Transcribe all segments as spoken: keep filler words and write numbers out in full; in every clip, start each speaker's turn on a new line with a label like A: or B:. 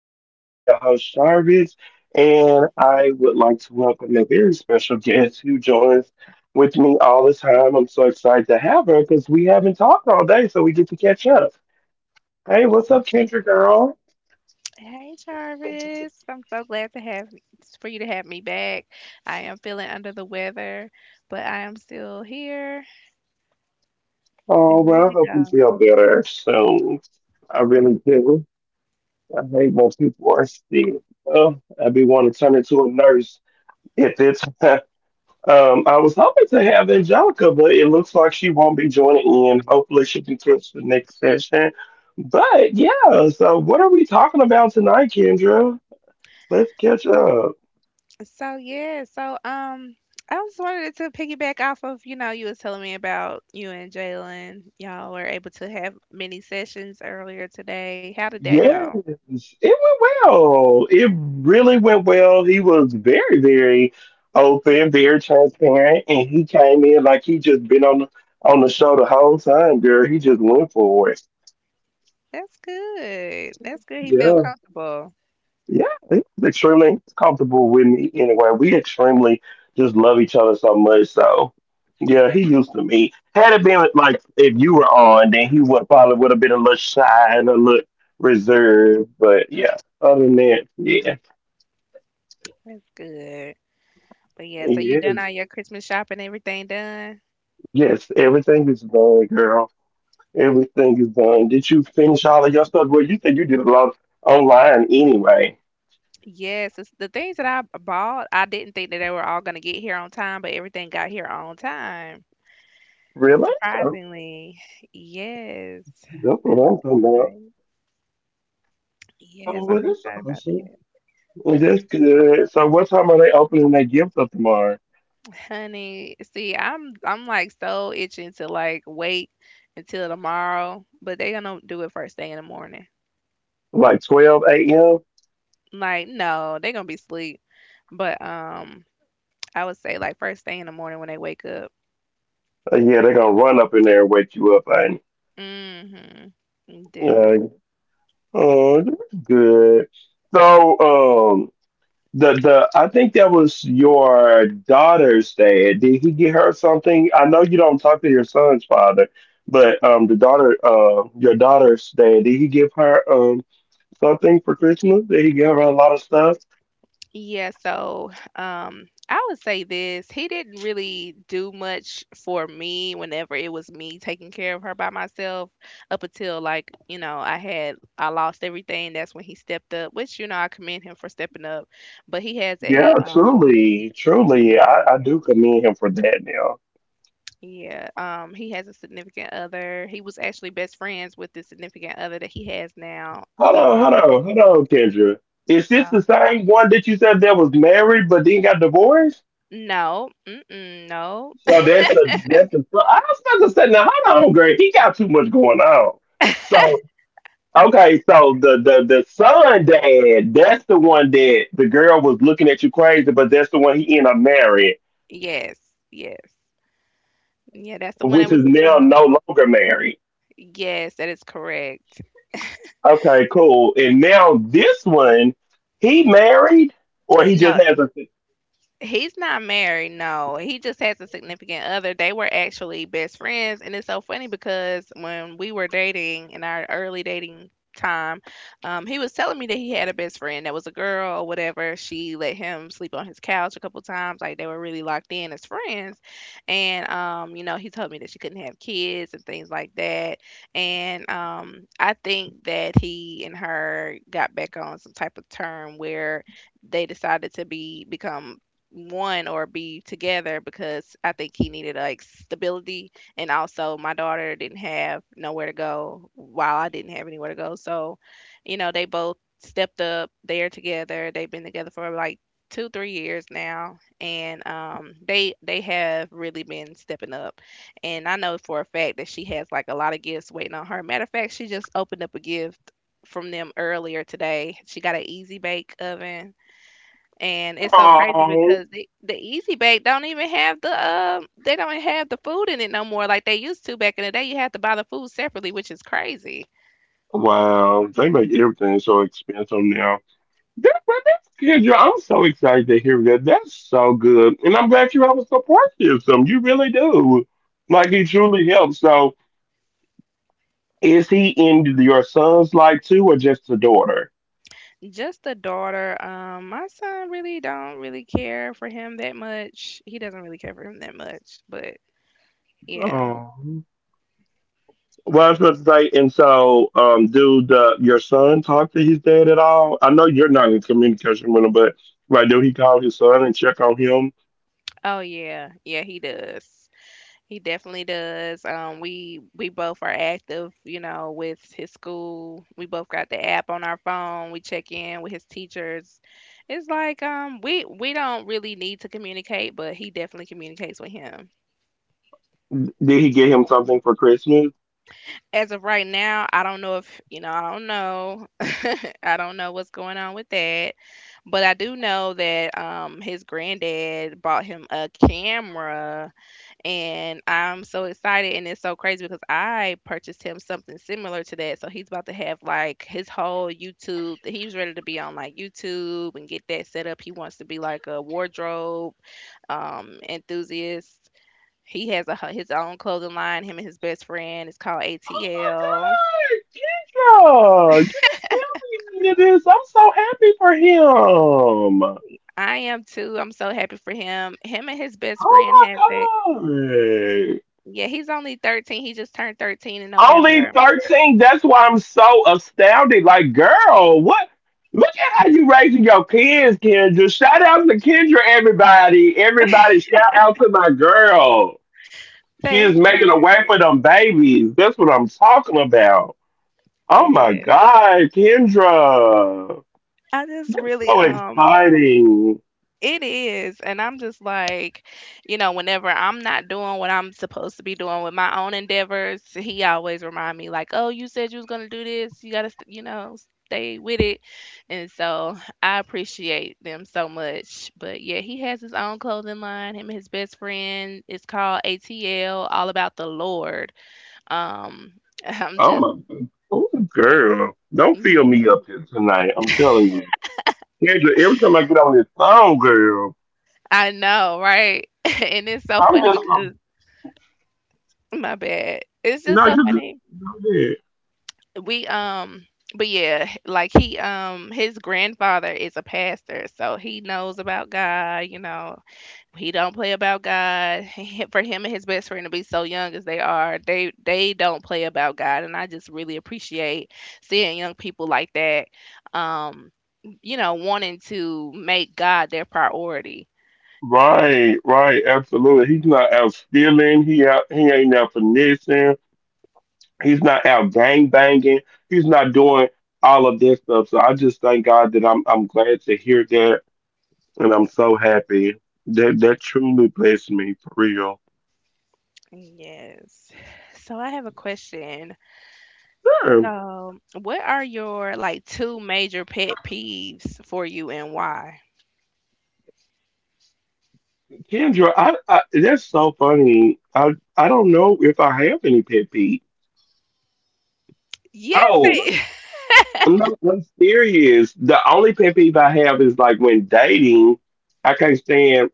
A: Jarvis. I am your host, Jarvis, and I would like to welcome a very special guest who joins with me all the time. I'm so excited to have her because we haven't talked all day, so we get to catch up. Hey, what's up, Kendra girl?
B: Hey Jarvis, I'm so glad to have for you to have me back. I am feeling under the weather, but I am still here
A: Oh,
B: and
A: well,
B: ready
A: I
B: to
A: hope you
B: go.
A: feel better soon. I really do. I hate when people are sick. Well, I'd be wanting to turn into a nurse at this. Um, I was hoping to have Angelica, but it looks like she won't be joining in. Hopefully, she can catch the next session. But yeah, so what are we talking about tonight, Kendra? Let's catch up.
B: So yeah, so um I just wanted to piggyback off of, you know, you was telling me about you and Jalen. Y'all were able to have many sessions earlier today. How did that
A: Yes,
B: go?
A: it went well. It really went well. He was very, very open, very transparent, and he came in like he just been on the on the show the whole time, girl. He just went for it.
B: That's good. That's good. He felt
A: Yeah.
B: comfortable.
A: Yeah, he's extremely comfortable with me anyway. We extremely just love each other so much. So, yeah, he used to me. Had it been like if you were on, then he would probably would have been a little shy and a little reserved. But yeah, other than that, yeah,
B: That's good. But yeah, so you done
A: yes,
B: all your Christmas shopping, everything done?
A: yes, everything is done, girl. Everything is done. Did you finish all of your stuff? Well, you said you did a lot online anyway.
B: Yes, it's the things that I b- bought, I didn't think that they were all gonna get here on time, but everything got here on time.
A: Really? Oh,
B: Surprisingly, yes.
A: that's what
B: And I,
A: I'm talking about.
B: I-
A: Oh,
B: yes,
A: well,
B: I'm
A: that's
B: excited about
A: awesome.
B: that.
A: Well, that's good. So what time are they opening that gift up tomorrow?
B: Honey, see, I'm I'm like so itching to like wait until tomorrow, but they're gonna do it first thing in the morning.
A: Like twelve a m?
B: Like, no, they're gonna be asleep. But um, I would say like first thing in the morning when they wake up.
A: Uh, yeah, they're gonna run up in there and wake you up. And
B: Mm-hmm.
A: uh, oh, that's good. So um, the the I think that was your daughter's dad. Did he get her something? I know you don't talk to your son's father, but um, the daughter, uh, your daughter's dad, did he give her um something for Christmas? Did he give her a lot of stuff?
B: Yeah, so um, I would say this. He didn't really do much for me whenever it was me taking care of her by myself up until like, you know, I had I lost everything. That's when he stepped up, which, you know, I commend him for stepping up. But he has a
A: Yeah,
B: um
A: truly, truly,
B: Yeah,
A: I, I do commend him for that now.
B: yeah. Um, he has a significant other. He was actually best friends with the significant other that he has now.
A: Hold on,
B: Um
A: hold on, hold on, Kendra. Is this
B: uh,
A: the same one that you said that was married but then got divorced?
B: no, mm-mm, no.
A: So that's the that's the. I was about to say now, hold on, Greg. He got too much going on. So okay, so the the the son dad, that's the one that the girl was looking at you crazy, but that's the one he ended up marrying,
B: Yes, yes. Yeah, that's the one
A: which
B: that
A: is
B: was
A: now
B: uh,
A: no longer married.
B: yes, that is correct.
A: Okay, cool. And now this one, he married or he
B: And no,
A: just has a
B: He's not married, no. He just has a significant other. They were actually best friends, and it's so funny because when we were dating in our early dating time, um, he was telling me that he had a best friend that was a girl or whatever. She let him sleep on his couch a couple times, like they were really locked in as friends. And um, you know, he told me that she couldn't have kids and things like that. And um, I think that he and her got back on some type of term where they decided to be become one or be together because I think he needed like stability and also my daughter didn't have nowhere to go while I didn't have anywhere to go. So, you know, they both stepped up. They're together. They've been together for like two, three years now. And um, they they have really been stepping up. And I know for a fact that she has like a lot of gifts waiting on her. Matter of fact, she just opened up a gift from them earlier today. She got an easy bake oven, and it's so crazy
A: oh
B: because the, the easy bake don't even have the um They don't have the food in it no more like they used to back in the day. You had to buy the food separately, which is crazy.
A: wow. They make everything so expensive now. That, but that's good. Yo. I'm so excited to hear that. That's so good. And I'm glad you have a support system. You really do. Like it
B: Y-
A: truly helps. So is he in your son's life too or just the daughter?
B: just the daughter. Um, my son really don't really care for him that much. He doesn't really care for him that much, but yeah.
A: Oh. Well, I was going to say, and so, um, do the your son talk to his dad at all? I know you're not in communication with him, but right, do he call his son and check on him?
B: Oh, yeah, yeah, he does. He definitely does. Um, we we both are active, you know, with his school. We both got the app on our phone. We check in with his teachers. It's like um, we we don't really need to communicate, but he definitely communicates with him.
A: Did he get him something for Christmas?
B: As of right now, I don't know. If you know, I don't know. I don't know what's going on with that, but I do know that um, his granddad bought him a camera, and I'm so excited. And it's so crazy because I purchased him something similar to that. So he's about to have like his whole YouTube. He's ready to be on like YouTube and get that set up. He wants to be like a wardrobe um enthusiast. He has a his own clothing line. Him and his best friend. It's called A T L.
A: Oh, you didn't tell me any of this. I'm so happy for him.
B: I am too. I'm so happy for him. Him and his best friend
A: Oh
B: has it.
A: my God!
B: Yeah, he's only thirteen. He just turned thirteen in
A: Only
B: November.
A: thirteen. That's why I'm so astounded. Like, girl, what? Look at how you raising your kids, Kendra. Shout out to Kendra, everybody. Everybody, shout out to my girl. She is
B: Thank
A: making a way
B: you.
A: for them babies. That's what I'm talking about. Oh my
B: Yeah.
A: God, Kendra.
B: I just
A: That's
B: really
A: so
B: um,
A: exciting.
B: it is. And I'm just like, you know, whenever I'm not doing what I'm supposed to be doing with my own endeavors, he always remind me like, "Oh, you said you was going to do this. You got to, st- you know, stay with it." And so I appreciate them so much. But yeah, he has his own clothing line, him and his best friend. It's called A T L, All About the Lord. Um I'm
A: Oh
B: just
A: my God. Oh, girl. Don't feel
B: yeah.
A: me up here tonight. I'm telling you. Kendra, every time I get on this phone, girl,
B: I know, right? And it's so
A: I'm
B: funny
A: just
B: because my bad. It's just
A: no,
B: so
A: you good.
B: funny.
A: You good.
B: We um But yeah, like he um, his grandfather is a pastor, so he knows about God, you know. He don't play about God. For him and his best friend to be so young as they are, they they don't play about God. And I just really appreciate seeing young people like that, um, you know, wanting to make God their priority.
A: Right, right, absolutely. He's not out stealing. He out, he ain't out finessing. He's not out gang banging. He's not doing all of this stuff. So I just thank God that I'm I'm glad to hear that, and I'm so happy that that truly blessed me for real.
B: Yes, so I have a question.
A: Sure.
B: So, what are your like two major pet peeves for you and why?
A: Kendra, I, I that's so funny. I I don't know if I have any pet peeve.
B: Yes,
A: Oh,
B: it.
A: I'm not, I'm serious. The only pet peeve I have is like when dating, I can't stand.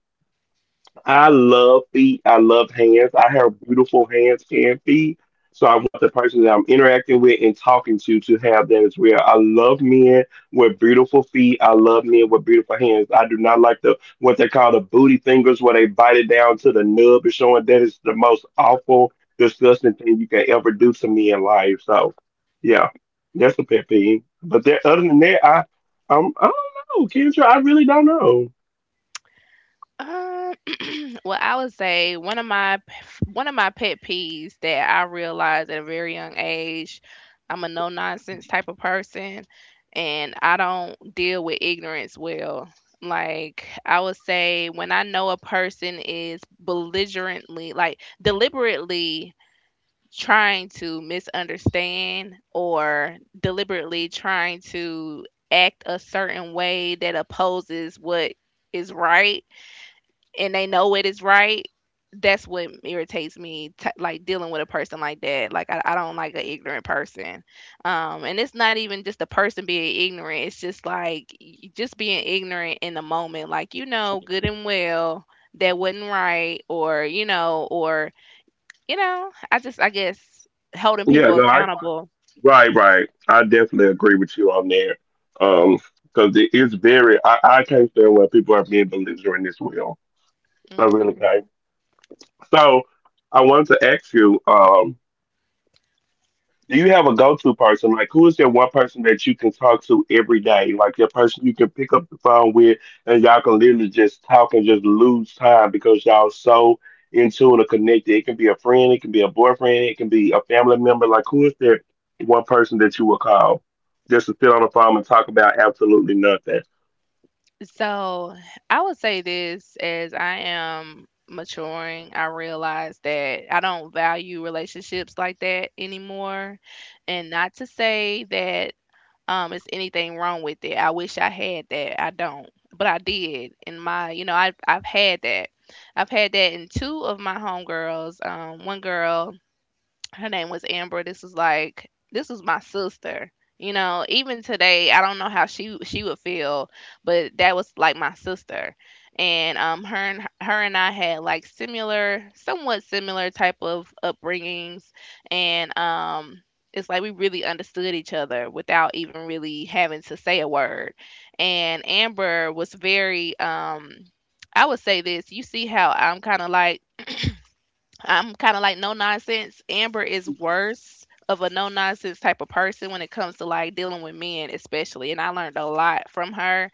A: I love feet. I love hands. I have beautiful hands and feet. So I want the person that I'm interacting with and talking to to have that as well. I love men with beautiful feet. I love men with beautiful hands. I do not like the what they call the booty fingers where they bite it down to the nub and showing that is the most awful, disgusting thing you can ever do to me in life. So yeah, that's a pet peeve. But there, other than that, I, I'm, I don't know, Kendra. I really don't know.
B: Um, well, I would say one of my p- one of my pet peeves that I realized at a very young age, I'm a no nonsense type of person, and I don't deal with ignorance well. Like I would say, when I know a person is belligerently, like deliberately trying to misunderstand or deliberately trying to act a certain way that opposes what is right and they know it is right, that's what irritates me t- like dealing with a person like that. Like I, I don't like an ignorant person. Um, and it's not even just the person being ignorant, it's just like y- just being ignorant in the moment. Like, you know good and well that wasn't right, or you know, or you know, I just, I guess, holding
A: Yeah,
B: people
A: no, I
B: accountable.
A: right, right. I definitely agree with you on there. Um, because it is very, I, I can't stand when people are being belligerent as well. I really can't.
B: Mhm.
A: So I wanted to ask you, um, do you have a go-to person? Like, who is that one person that you can talk to every day? Like that person you can pick up the phone with, and y'all can literally just talk and just lose time because y'all so in tune or connected. It can be a friend, it can be a boyfriend, it can be a family member. Like, who is that one person that you will call just to sit on the phone and talk about absolutely nothing?
B: So, I would say this, as I am maturing, I realize that I don't value relationships like that anymore. And not to say that um it's anything wrong with it. I wish I had that. I don't. But I did in my, you know, I've I've had that. I've had that in two of my homegirls. Um, one girl, her name was Amber. This was like this was my sister. You know, even today, I don't know how she she would feel, but that was like my sister, and um, her and her and I had like similar, somewhat similar type of upbringings, and um, it's like we really understood each other without even really having to say a word. And Amber was very um, I would say this. You see how I'm kind of like, I'm kind of like no nonsense. Amber is worse of a no nonsense type of person when it comes to like dealing with men, especially. And I learned a lot from her.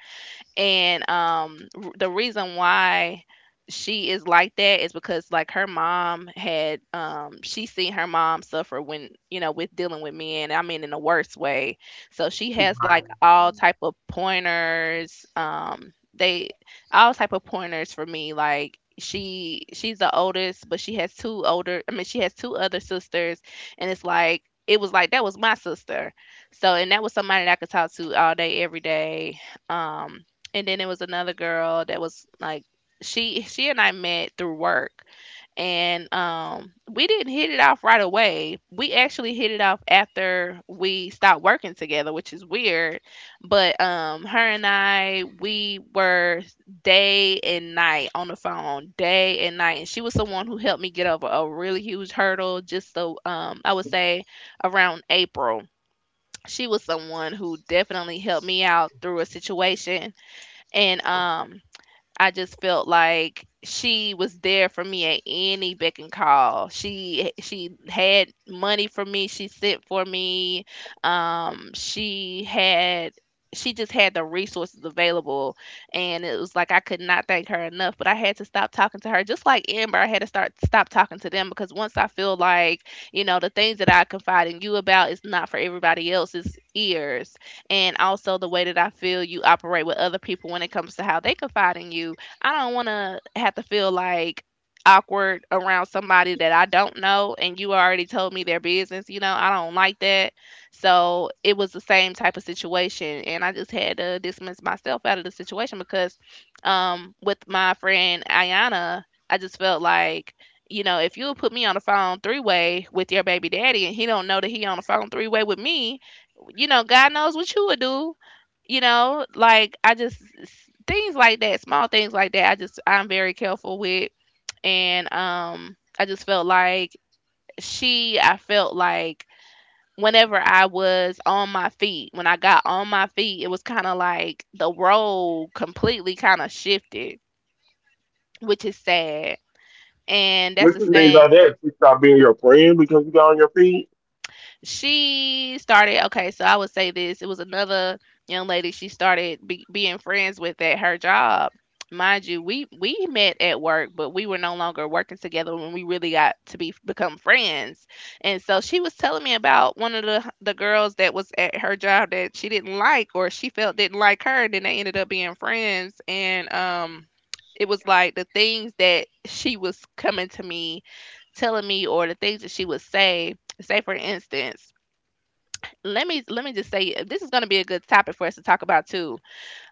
B: And um, r- the reason why she is like that is because like her mom had um, she seen her mom suffer when, you know, with dealing with men, I mean, in the worst way. So she has like all type of pointers. Um, they all type of pointers for me. Like, she she's the oldest, but she has two older, I mean, she has two other sisters. And it's like, it was like that was my sister. So, and that was somebody that I could talk to all day, every day. Um, and then it was another girl that was like, she she and I met through work. And um, we didn't hit it off right away. We actually hit it off after we stopped working together, which is weird. But um, her and I, we were day and night on the phone, day and night. And she was the one who helped me get over a really huge hurdle, just so um, I would say around April. She was someone who definitely helped me out through a situation. And um, I just felt like she was there for me at any beck and call. She she had money for me. She sent for me. Um, she had She just had the resources available, and it was like I could not thank her enough. But I had to stop talking to her, just like Amber. I had to start stop talking to them because once I feel like, you know, the things that I confide in you about is not for everybody else's ears, and also the way that I feel you operate with other people when it comes to how they confide in you, I don't want to have to feel like awkward around somebody that I don't know and you already told me their business, you know. I don't like that. So, it was the same type of situation and I just had to dismiss myself out of the situation because um with my friend Ayana, I just felt like, you know, if you put me on the phone three way with your baby daddy and he don't know that he on the phone three way with me, you know, God knows what you would do. You know, like I just s- things like that, small things like that. I just I'm very careful with, and um, I just felt like she. I felt like whenever I was on my feet, when I got on my feet, it was kind of like the role completely kind of shifted, which is sad, and that's
A: What
B: the
A: you mean by
B: same.
A: that? She stop being your friend because you got on your feet.
B: She started Okay, so I would say this. It was another young lady she started be, being friends with at her job. Mind you, we we met at work, but we were no longer working together when we really got to be become friends. And so she was telling me about one of the the girls that was at her job that she didn't like, or she felt didn't like her, and then they ended up being friends. And um it was like the things that she was coming to me telling me, or the things that she would say, say for instance, let me let me just say, this is going to be a good topic for us to talk about too.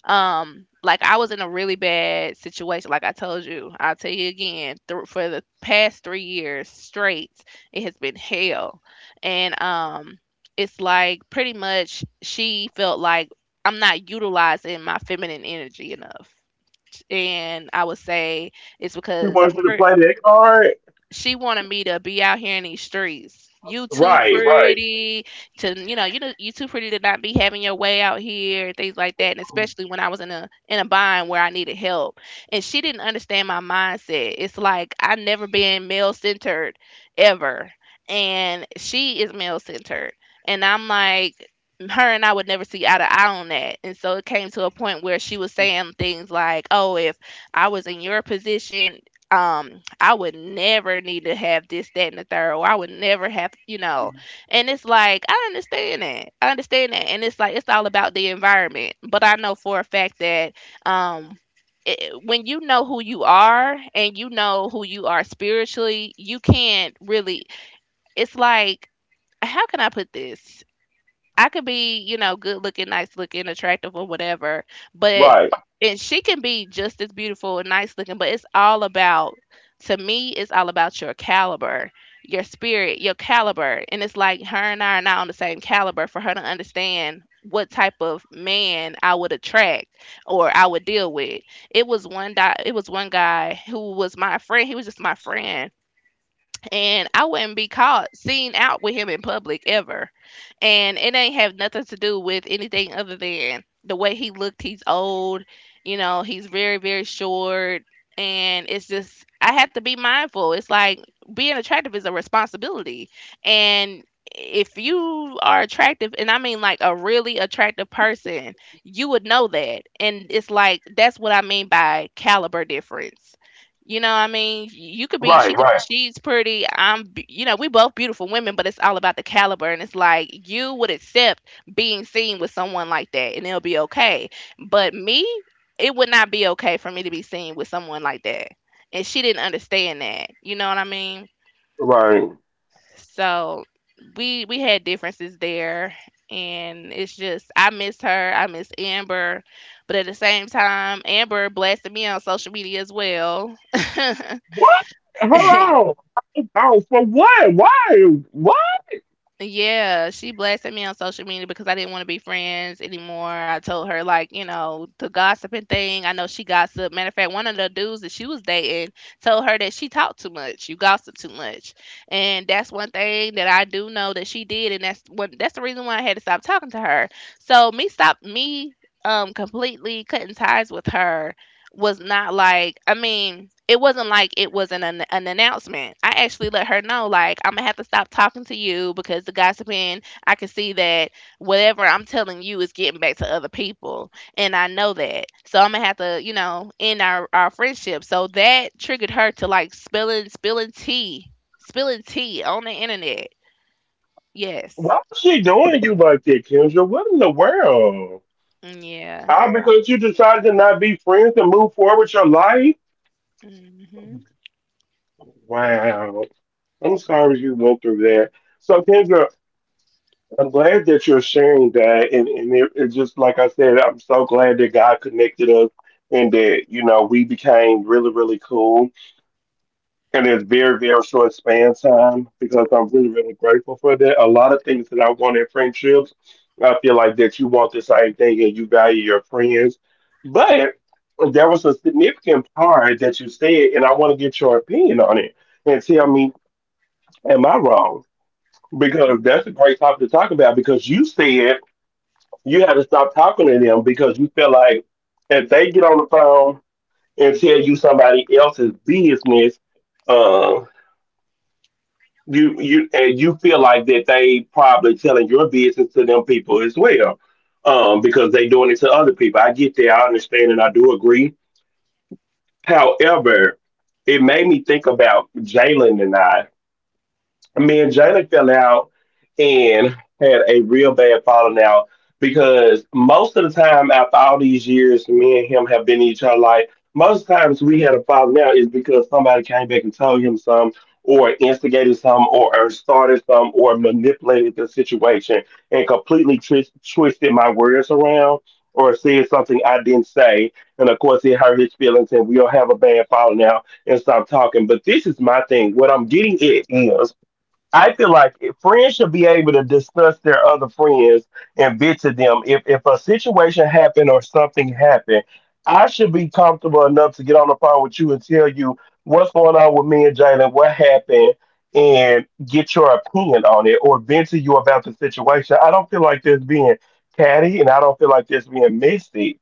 B: Um like I was in a really bad situation. Like I told you, I'll tell you again, th- for the past three years straight, it has been hell. And um it's like pretty much she felt like I'm not utilizing my feminine energy enough. And I would say it's
A: She
B: because I'm
A: wants you to
B: pretty.
A: play that card.
B: She wanted me to be out here in these streets. "You too
A: Right, right,
B: pretty to, you know, you know, you too pretty to not be having your way out here" and things like that. And especially when I was in a in a bind where I needed help, and she didn't understand my mindset. It's like, I've never been male centered, ever. And she is male centered, and I'm like, her and I would never see eye to eye on that. And so it came to a point where she was saying things like, "Oh, if I was in your position, um I would never need to have this, that, and the third, or I would never have, you know." And it's like, I understand that, I understand that. And it's like, it's all about the environment. But I know for a fact that, um it, when you know who you are and you know who you are spiritually, you can't really, it's like, how can I put this? I could be, you know, good looking, nice looking, attractive or whatever, but
A: right,
B: and she can be just as beautiful and nice looking, but it's all about to me, it's all about your caliber, your spirit, your caliber. And it's like, her and I are not on the same caliber for her to understand what type of man I would attract or I would deal with. It was one guy it was one guy who was my friend. He was just my friend, and I wouldn't be caught seen out with him in public ever. And it ain't have nothing to do with anything other than the way he looked. He's old, you know, he's very, very short. And it's just, I have to be mindful. It's like, being attractive is a responsibility. And if you are attractive, and I mean like a really attractive person, you would know that. And it's like, that's what I mean by caliber difference. You know, I mean, you could be, she
A: right,
B: could, she's pretty. I'm. be- You know, we both beautiful women, but it's all about the caliber. And it's like, you would accept being seen with someone like that, and it'll be okay. But me, it would not be okay for me to be seen with someone like that, and she didn't understand that. You know what I mean?
A: right, right.
B: So, we we had differences there, and it's just, I miss her. I miss Amber, but at the same time, Amber blasted me on social media as well.
A: What? Hold on. Oh, for what? Why? What?
B: Yeah, she blasted me on social media because I didn't want to be friends anymore. I told her, like, you know, the gossiping thing. I know she gossiped. Matter of fact, one of the dudes that she was dating told her that she talked too much. You gossip too much, and that's one thing that I do know that she did, and that's what that's the reason why I had to stop talking to her. So, me stop me um completely cutting ties with her was not like, I mean, it wasn't like it was an an, an announcement. I actually let her know, like, I'm going to have to stop talking to you because the gossiping, I can see that whatever I'm telling you is getting back to other people, and I know that. So I'm going to have to, you know, end our our friendship. So that triggered her to, like, spilling spilling tea, spilling tea on the internet. Yes.
A: Why is she doing you like that, Kendra? What in the world?
B: Mm, yeah.
A: Ah, because you decided to not be friends and move forward with your life? Wow. I'm sorry you went through that. So, Kendra, I'm glad that you're sharing that. And, and it, it's just like I said, I'm so glad that God connected us and that, you know, we became really, really cool in this very, very short span of time because I'm really, really grateful for that. A lot of things that I want in friendships, I feel like that you want the same thing and you value your friends. But there was a significant part that you said, and I want to get your opinion on it and tell
B: Mhm.
A: me, am I wrong? Because that's a great topic to talk about because you said you had to stop talking to them because you feel like if they get on the phone and tell you somebody else's business, uh, you you and you feel like that they probably telling your business to them people as well, um because they doing it to other people. I get that, I understand, and I do agree. However, it made me think about Jalen and I. Me and Jalen fell out and had a real bad falling out because most of the time after all these years me and him have been each other, like most times we had a falling out is because somebody came back and told him some or instigated some or, or started some or manipulated the situation and completely twist, twisted my words around or said something I didn't say. And of course, it hurt his feelings, and we'll have a bad falling out and stop talking. But this is my thing. What I'm getting at is I feel like if friends should be able to discuss their other friends and vent to them. If if a situation happened or something happened, I should be comfortable enough to get on the phone with you and tell you what's going on with me and Jalen, what happened, and get your opinion on it or vent to you about the situation. I don't feel like this being catty and I don't feel like this being messy.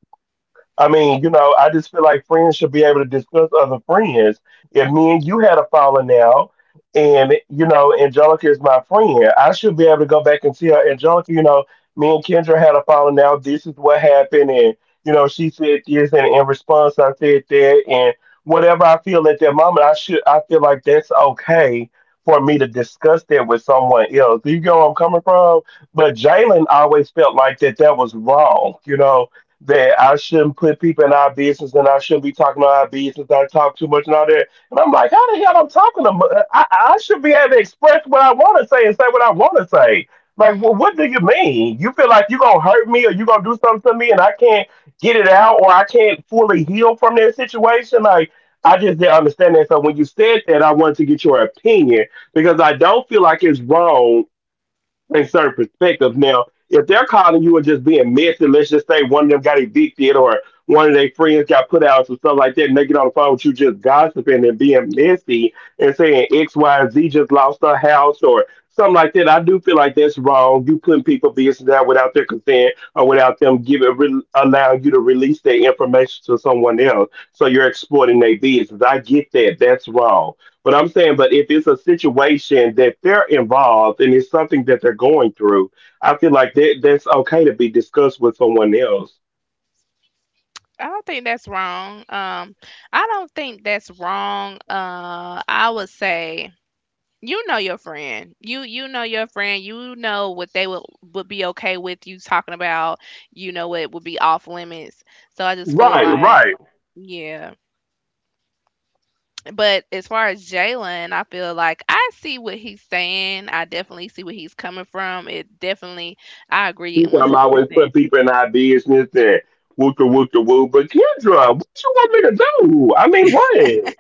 A: I mean, you know, I just feel like friends should be able to discuss other friends. If me and you had a falling out, and you know, Angelica is my friend, I should be able to go back and see her. Angelica, you know, me and Kendra had a falling out. This is what happened, and you know, she said this, and in response, I said that, and whatever I feel at that moment, I should, I feel like that's okay for me to discuss that with someone else. You know where I'm coming from? But Jalen always felt like that that was wrong, you know that I shouldn't put people in our business and I shouldn't be talking about our business. I talk too much and all that. And I'm like, how the hell I'm talking? To, mu- I, I should be able to express what I want to say and say what I want to say. Like, well, what do you mean? You feel like you're going to hurt me or you're going to do something to me and I can't get it out or I can't fully heal from that situation? Like, I just didn't understand that. So when you said that, I wanted to get your opinion because I don't feel like it's wrong in certain perspectives. Now, if they're calling you and just being messy, let's just say one of them got evicted or one of their friends got put out or stuff like that, and they get on the phone with you just gossiping and being messy and saying X, Y, and Z just lost their house or something like that. I do feel like that's wrong. You putting people business out without their consent or without them giving re- allowing you to release their information to someone else. So you're exploiting their business. I get that. That's wrong. But I'm saying, but if it's a situation that they're involved and it's something that they're going through, I feel like that that's okay to be discussed with someone else.
B: I don't think that's wrong. Um, I don't think that's wrong. Uh, I would say, you know your friend. You you know your friend. You know what they would would be okay with you talking about. You know what would be off limits. So I just feel
A: Right,
B: like,
A: right.
B: yeah. But as far as Jalen, I feel like I see what he's saying. I definitely see where he's coming from. It definitely, I agree
A: He's talking about always put
B: one hundred percent.
A: people in our business and woo the woo the woo. But Kendra, what you want me to do? I mean, what?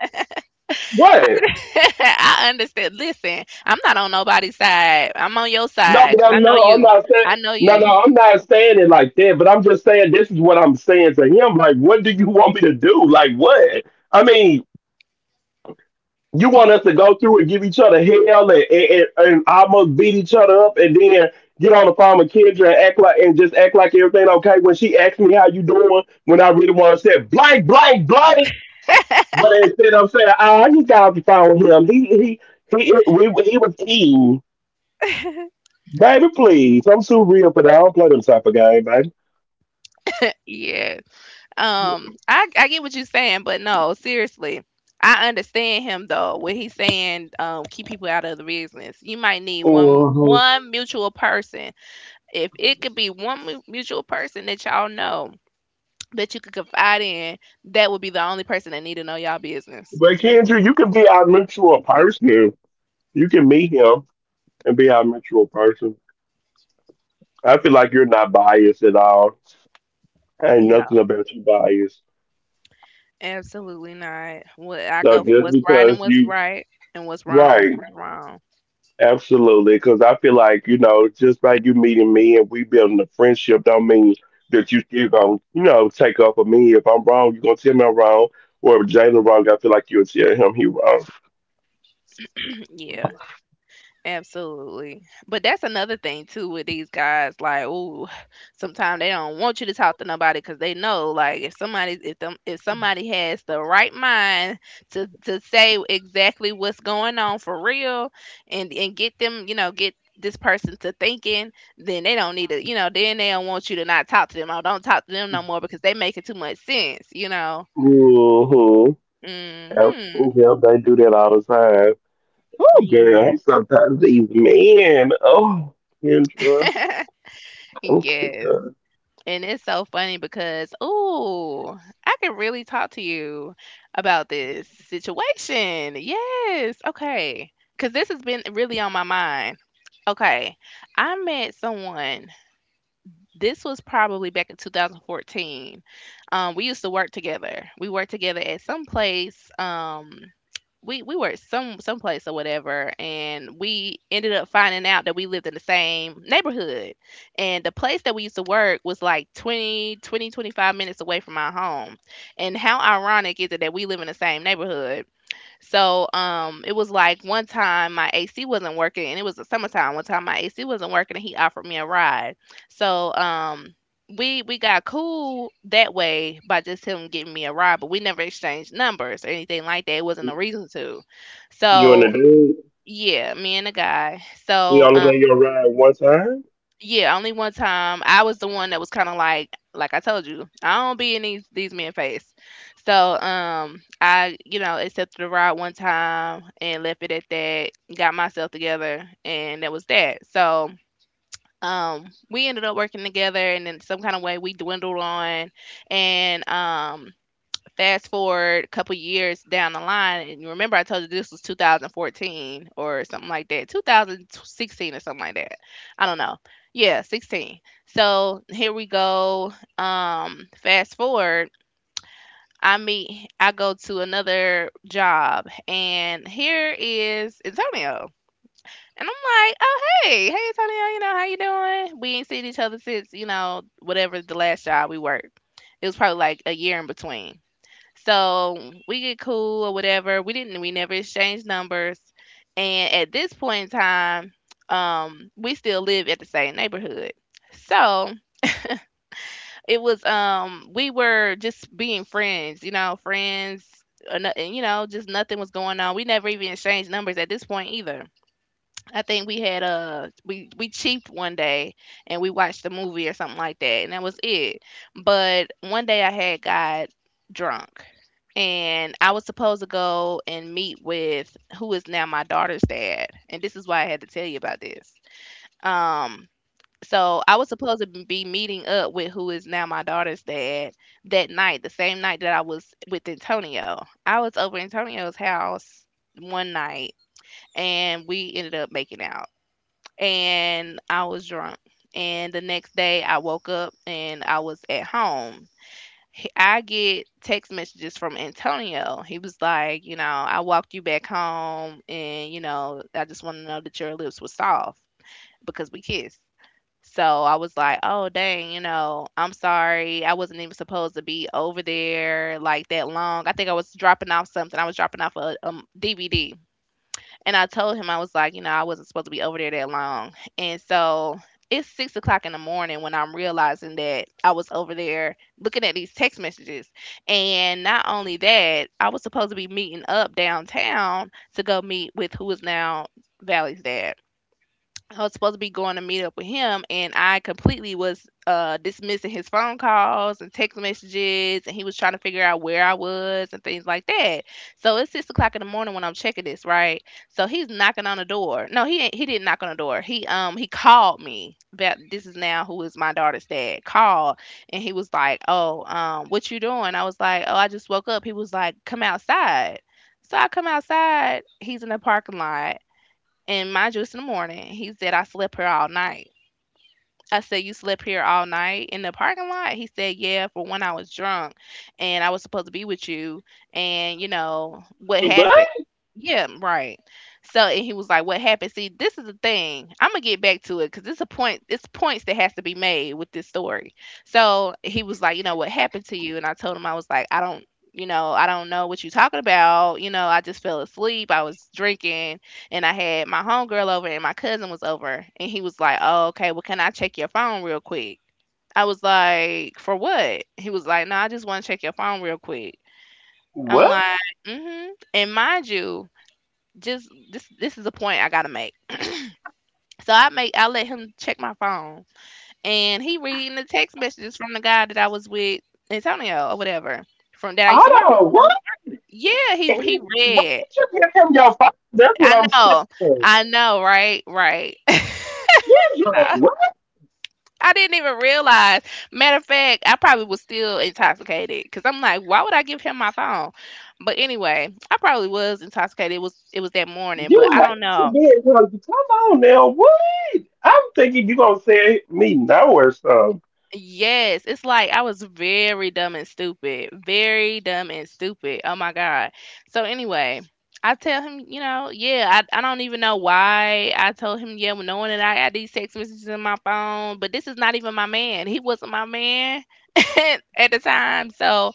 A: What?
B: I understand. Listen, I'm not on nobody's side. I'm on your
A: No,
B: side
A: but
B: because I
A: I'm
B: know
A: no, I'm
B: you.
A: not
B: I
A: saying.
B: know
A: No,
B: you.
A: no, I'm not saying it like that. But I'm just saying this is what I'm saying to him. Like, what do you want me to do? Like, what? I mean, You want us to go through and give each other hell and, and, and almost beat each other up and then get on the phone with Kendra and act like and just act like everything okay when she asks me how you doing when I really want to say blank blank blank but instead I'm saying, "Ah, I just got off the phone with him, he he he we, he was eating baby please I'm too real for that I don't play them type of game baby."
B: Yeah. Um, I I get what you're saying, but no, seriously. I understand him though when he's saying, um keep people out of the business. You might need one
A: Mhm.
B: one mutual person. If it could be one mu- mutual person that y'all know, that you could confide in, that would be the only person that need to know y'all business.
A: But Kendra, you can be our mutual person. You can meet him and be our mutual person. I feel like you're not biased at all. Ain't
B: No.
A: nothing about you biased.
B: Absolutely not. What I
A: So
B: go for,
A: just
B: what's right and
A: because
B: what's
A: you,
B: right, and what's wrong is
A: right,
B: what's wrong.
A: absolutely, because I feel like you know, just by you meeting me and we building a friendship, don't mean that you still gonna you know take up for me. If I'm wrong, you gonna tell me I'm wrong, or if Jalen wrong, I feel like you'll tell him he wrong.
B: Yeah, absolutely. But that's another thing too with these guys. Like, ooh, sometimes they don't want you to talk to nobody because they know, like, if somebody if them if somebody has the right mind to to say exactly what's going on for real, and and get them, you know, get this person to thinking, then they don't need to, you know, then they don't want you to. Not talk to them, oh, don't talk to them no more because they making too much sense, you know.
A: Mm-hmm. Yep,
B: Mhm.
A: yep, they do that all the time. Oh, girl, I'm
B: Yeah.
A: sometimes these men. Oh, Kendra, oh, my
B: Yes.
A: God.
B: And it's so funny because, ooh, I can really talk to you about this situation. Yes. Okay. Because this has been really on my mind. Okay. I met someone, this was probably back in twenty fourteen. Um, we used to work together. We worked together at some place. Um, we we worked some some place or whatever, and we ended up finding out that we lived in the same neighborhood. And the place that we used to work was like twenty twenty twenty-five minutes away from our home. And how ironic is it that we live in the same neighborhood? So, um, it was like one time my A C wasn't working, and it was the summertime. One time my A C wasn't working, and he offered me a ride. So, um, we we got cool that way by just him giving me a ride, but we never exchanged numbers or anything like that. It wasn't a reason to.
A: You and the
B: So,
A: dude.
B: yeah, me and the guy.
A: He
B: So,
A: only gave you a ride one time?
B: yeah, only one time. I was the one that was kind of like, like I told you, I don't be in these these men face. So, um, I, you know, accepted the ride one time and left it at that. Got myself together, and that was that. So, um, we ended up working together, and in some kind of way we dwindled on, and um, fast forward a couple years down the line, and you remember I told you this was two thousand fourteen or something like that, twenty sixteen or something like that. I don't know. Yeah, sixteen. So here we go. Um, fast forward, I meet, I go to another job, and here is Antonio. And I'm like, oh, hey, hey Antonio, you know how you doing? We ain't seen each other since, you know, whatever, the last job we worked. It was probably like a year in between. So we get cool or whatever. We didn't. We never exchanged numbers. And at this point in time, um, we still live at the same neighborhood. So it was, um, we were just being friends, you know, friends. Or no- And you know, just nothing was going on. We never even exchanged numbers at this point either. I think we had a we we cheaped one day and we watched a movie or something like that, and that was it. But one day I had got drunk, and I was supposed to go and meet with who is now my daughter's dad, and this is why I had to tell you about this. Um, so I was supposed to be meeting up with who is now my daughter's dad that night, the same night that I was with Antonio. I was over Antonio's house one night, and we ended up making out and I was drunk. And the next day I woke up and I was at home. He- I get text messages from Antonio. He was like, you know, I walked you back home and, you know, I just want to know that your lips were soft because we kissed. So I was like, oh, dang, you know, I'm sorry. I wasn't even supposed to be over there like that long. I think I was dropping off something. I was dropping off a, a D V D and I told him I was like, you know, I wasn't supposed to be over there that long. And so it's six o'clock in the morning when I'm realizing that I was over there looking at these text messages. And not only that, I was supposed to be meeting up downtown to go meet with who is now Valley's dad. I was supposed to be going to meet up with him, and I completely was uh, dismissing his phone calls and text messages, and he was trying to figure out where I was and things like that. So it's six o'clock in the morning when I'm checking this, right? So he's knocking on the door. No, he ain't, he didn't knock on the door. He um he called me. That this is now who is my daughter's dad. Called, and he was like, "Oh, um, what you doing?" I was like, "Oh, I just woke up." He was like, "Come outside." So I come outside. He's in the parking lot and mind you, it's in the morning. He said, I slept here all night. I said, you slept here all night in the parking lot? He said, yeah, for when I was drunk and I was supposed to be with you. And, you know, what happened?
A: What?
B: Yeah, right. So, and he was like, what happened? See, this is the thing. I'm going to get back to it because it's a point, it's points that has to be made with this story. So he was like, you know, what happened to you? And I told him, I was like, I don't. You know, I don't know what you're talking about. You know, I just fell asleep. I was drinking and I had my homegirl over and my cousin was over. And he was like, oh, okay, well, can I check your phone real quick? I was like, for what? He was like, no, I just want to check your phone real quick. I'm
A: What?
B: like, mm-hmm. And mind you, just this this is a point I gotta make. So I make I let him check my phone. And he reading the text messages from the guy that I was with, Antonio or whatever, from that I used to work
A: Hold on. What?
B: with. Yeah, he
A: Damn,
B: he
A: why
B: read.
A: did you give him your phone? That's what
B: I
A: I'm
B: know.
A: saying.
B: I know, right? Right.
A: Yeah, yeah, what?
B: I didn't even realize. Matter of fact, I probably was still intoxicated because I'm like, why would I give him my phone? But anyway, I probably was intoxicated. It was it was that morning, but
A: You
B: I
A: hate
B: don't
A: to
B: know.
A: be in public. Come on now. What? I'm thinking you going to say me no or something.
B: Yes, it's like I was very dumb and stupid. Very dumb and stupid. Oh my God. So anyway, I tell him, you know, yeah, I, I don't even know why I told him, yeah, well, knowing that I had these text messages in my phone, but this is not even my man. He wasn't my man at the time. So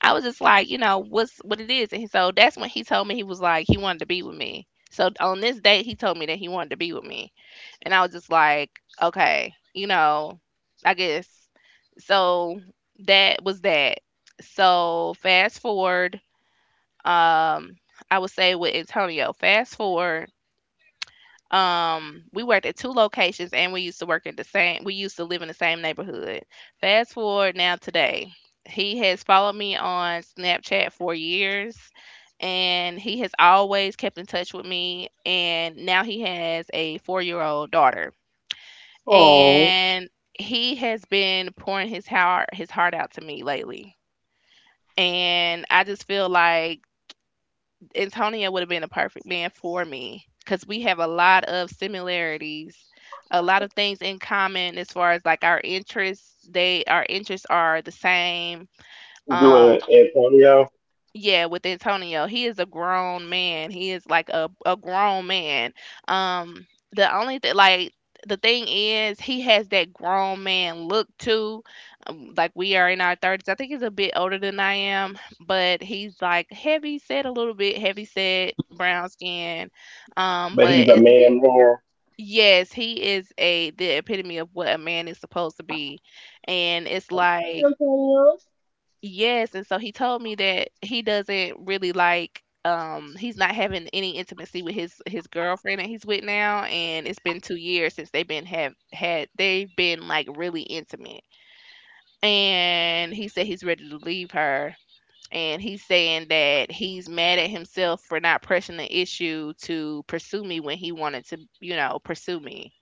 B: I was just like, you know, what's what it is. And so that's when he told me he was like, he wanted to be with me. So on this date, he told me that he wanted to be with me. And I was just like, okay, you know, I guess. So that was that. So fast forward, um, I would say with Antonio, fast forward um, we worked at two locations and we used to work at the same we used to live in the same neighborhood. Fast forward now today. He has followed me on Snapchat for years and he has always kept in touch with me and now he has a four-year-old daughter.
A: Oh,
B: And he has been pouring his heart his heart out to me lately. And I just feel like Antonio would have been a perfect man for me because we have a lot of similarities, a lot of things in common as far as like our interests. They Our interests are the same.
A: doing
B: Um,
A: Antonio,
B: yeah, with Antonio, he is a grown man. He is like a a grown man. Um, the only thing, like the thing is, he has that grown man look too. Um, like, we are in our thirties. I think he's a bit older than I am, but he's like heavy set a little bit, heavy set, brown skin. Um,
A: but he's
B: but
A: a
B: it's
A: man there.
B: Yes, he is a the epitome of what a man is supposed to be, and it's
A: Hey,
B: like
A: Antonio.
B: yes, and so he told me that he doesn't really like um he's not having any intimacy with his his girlfriend that he's with now and it's been two years since they've been have had they've been like really intimate. And he said he's ready to leave her and he's saying that he's mad at himself for not pressing the issue to pursue me when he wanted to, you know, pursue me.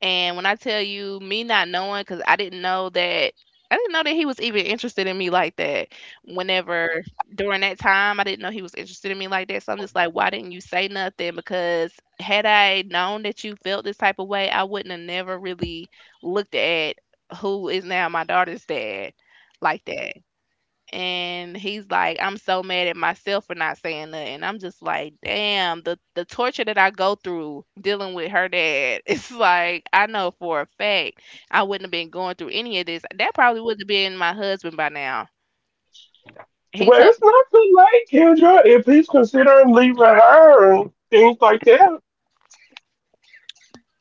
B: And when I tell you me not knowing, because I didn't know that I didn't know that he was even interested in me like that. Whenever During that time, I didn't know he was interested in me like that. So I'm just like, why didn't you say nothing? Because had I known that you felt this type of way, I wouldn't have never really looked at who is now my daughter's dad like that and he's like, I'm so mad at myself for not saying nothing. I'm just like, damn, the the torture that I go through dealing with her dad. It's like I know for a fact I wouldn't have been going through any of this. That probably would have been my husband by now. He
A: Well,
B: told
A: it's nothing like Kendra if he's considering leaving her and things like that.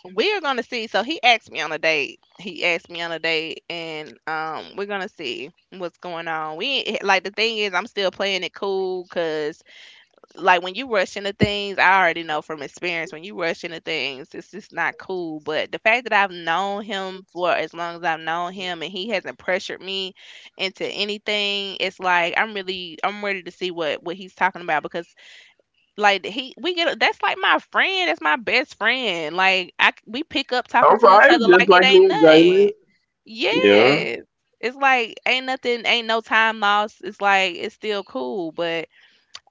B: We're gonna see. So he asked me on a date. He asked me on a date, and um, we're gonna see what's going on. We ain't- Like, the thing is, I'm still playing it cool because like when you rush into things, I already know from experience when you rush into things, it's just not cool. But the fact that I've known him for as long as I've known him and he hasn't pressured me into anything, it's like I'm really I'm ready to see what what he's talking about because like he we get that's like my friend, that's my best friend. Like I we pick up talking
A: All
B: to each
A: right,
B: other
A: just
B: like it
A: like me
B: ain't
A: and Jalen.
B: nothing.
A: Yeah.
B: Yes. It's like ain't nothing, ain't no time lost. It's like it's still cool, but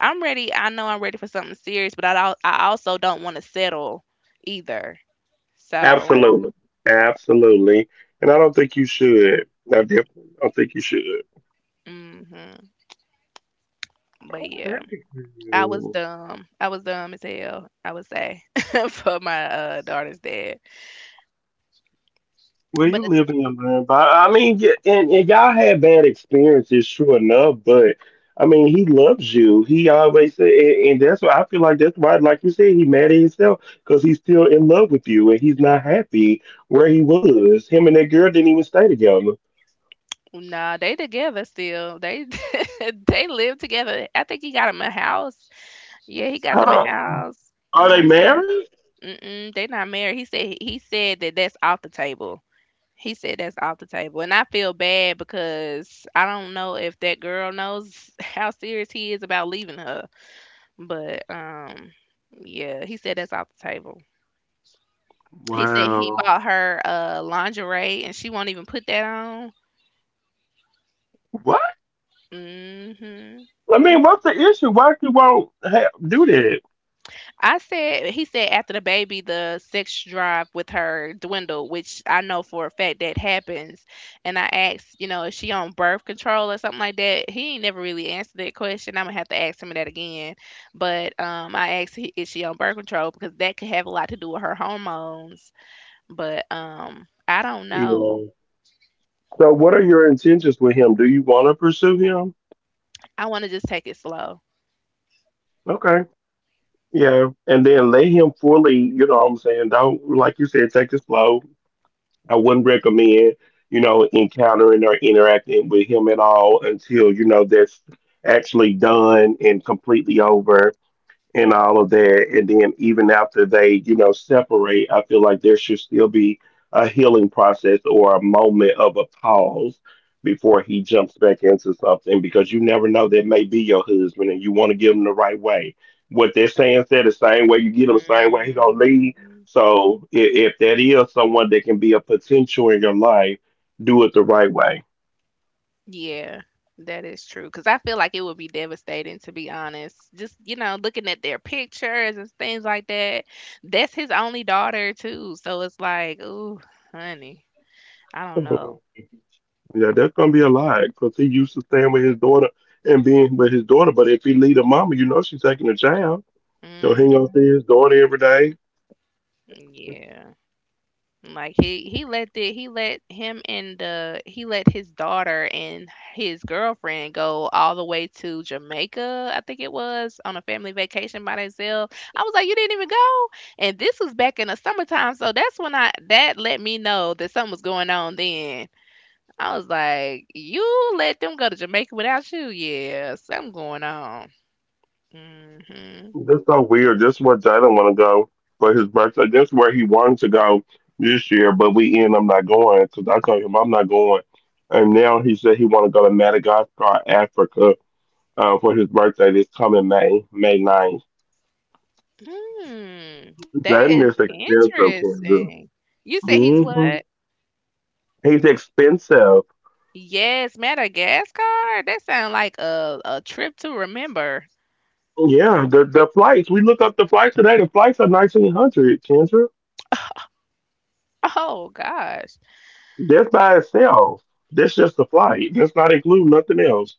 B: I'm ready. I know I'm ready for something serious, but I al- I also don't want to settle either. So,
A: Absolutely. Absolutely. And I don't think you should. I definitely don't think you should.
B: hmm but yeah,
A: Technically,
B: I was
A: you-
B: dumb. I was dumb as hell. I would say for my uh, daughter's dad.
A: Well,
B: But
A: you
B: the,
A: live in your man, I mean, y- and, and y'all had bad experiences, sure enough. But I mean, he loves you. He always said, and, and that's why I feel like that's why, like you said, he mad at himself because he's still in love with you, and he's not happy where he was. Him and that girl didn't even stay together.
B: nah, they together still. They they live together. I think he got him a house. Yeah, he got
A: Hold
B: them a
A: on,
B: house and
A: are they
B: all kind.
A: married?
B: Of, mm-mm, they not married. He said he said that that's off the table. He said that's off the table, and I feel bad because I don't know if that girl knows how serious he is about leaving her. But um, yeah, he said that's off the table. He said he
A: Wow.
B: bought her uh lingerie, and she won't even put that on. Hmm.
A: I mean, what's the issue? Why he won't have, do that?
B: I said he said after the baby the sex drive with her dwindled, which I know for a fact that happens. And I asked, you know, is she on birth control or something like that? He ain't never really answered that question. I'm gonna have to ask him that again. But um I asked he- is she on birth control because that could have a lot to do with her hormones. But um I don't know.
A: Yeah. So, what are your intentions with him? Do you want to pursue him?
B: I wanna just take it slow.
A: Okay. Yeah. And then let him fully, you know what I'm saying? Don't, like you said, take it slow. I wouldn't recommend, you know, encountering or interacting with him at all until, you know, that's actually done and completely over, and all of that. And then even after they, you know, separate, I feel like there should still be a healing process or a moment of a pause before he jumps back into something because you never know that may be your husband and you want to give him the right way. What they're saying said the same way you get him, same way he gonna leave.
B: Mhm.
A: So, if, if that is someone that can be a potential in your life, do it the right way.
B: Yeah, that is true. Because I feel like it would be devastating, to be honest. Just, you know, looking at their pictures and things like that. That's his only daughter, too. So it's like, ooh, honey, I don't know.
A: Yeah, that's gonna be a lie because he used to staying with his daughter and being with his daughter. But if he leave the mama, you know she's taking a child. So he gonna see
B: Hmm.
A: his daughter every day.
B: Yeah. Like he he let the he let him and the he let his daughter and his girlfriend go all the way to Jamaica, I think it was, on a family vacation by themselves. I was like, you didn't even go, and this was back in the summertime, so that's when I that let me know that something was going on. Then I was like, you let them go to Jamaica without you? Yeah, something going on. Mhm.
A: That's so weird. That's where Jalen want to go for his birthday. That's where he wanted to go this year, but we end up not going because I told him I'm not going. And now he said he want to go to Madagascar, Africa, uh, for his birthday this coming May, May ninth.
B: Hmm. That
A: Jordan
B: is
A: is expensive, Kendra.
B: interesting. You said he's
A: Hmm.
B: what?
A: He's expensive.
B: Yes, Madagascar. That sounds like a, a trip to remember.
A: Yeah, the the flights. We looked up the flights today. The flights are nineteen hundred, Kendra.
B: Oh gosh.
A: That's by itself. That's just the flight. That's not include nothing else.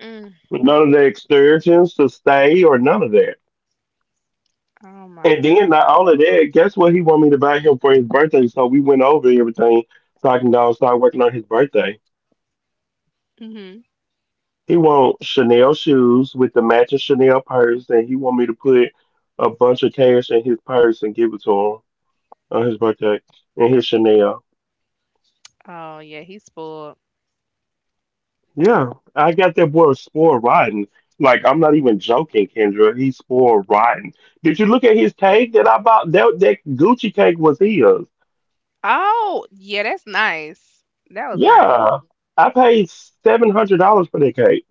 B: Mm.
A: None of the excursions to stay or none of that.
B: Oh my
A: And then
B: god.
A: not all of that, guess what he wanted me to buy him for his birthday? So we went over everything so I can go start working on his birthday.
B: Hmm.
A: He wants Chanel shoes with the matching Chanel purse, and he want me to put a bunch of cash in his purse and give it to him on his birthday. And his Chanel.
B: Oh yeah, he's spoiled.
A: Yeah, I got that boy spoiled rotten. Like I'm not even joking, Kendra. He's spoiled rotten. Did you look at his cake that I bought? That that Gucci cake was his.
B: Oh yeah, that's nice. That was nice.
A: Yeah, I paid seven hundred dollars for that cake.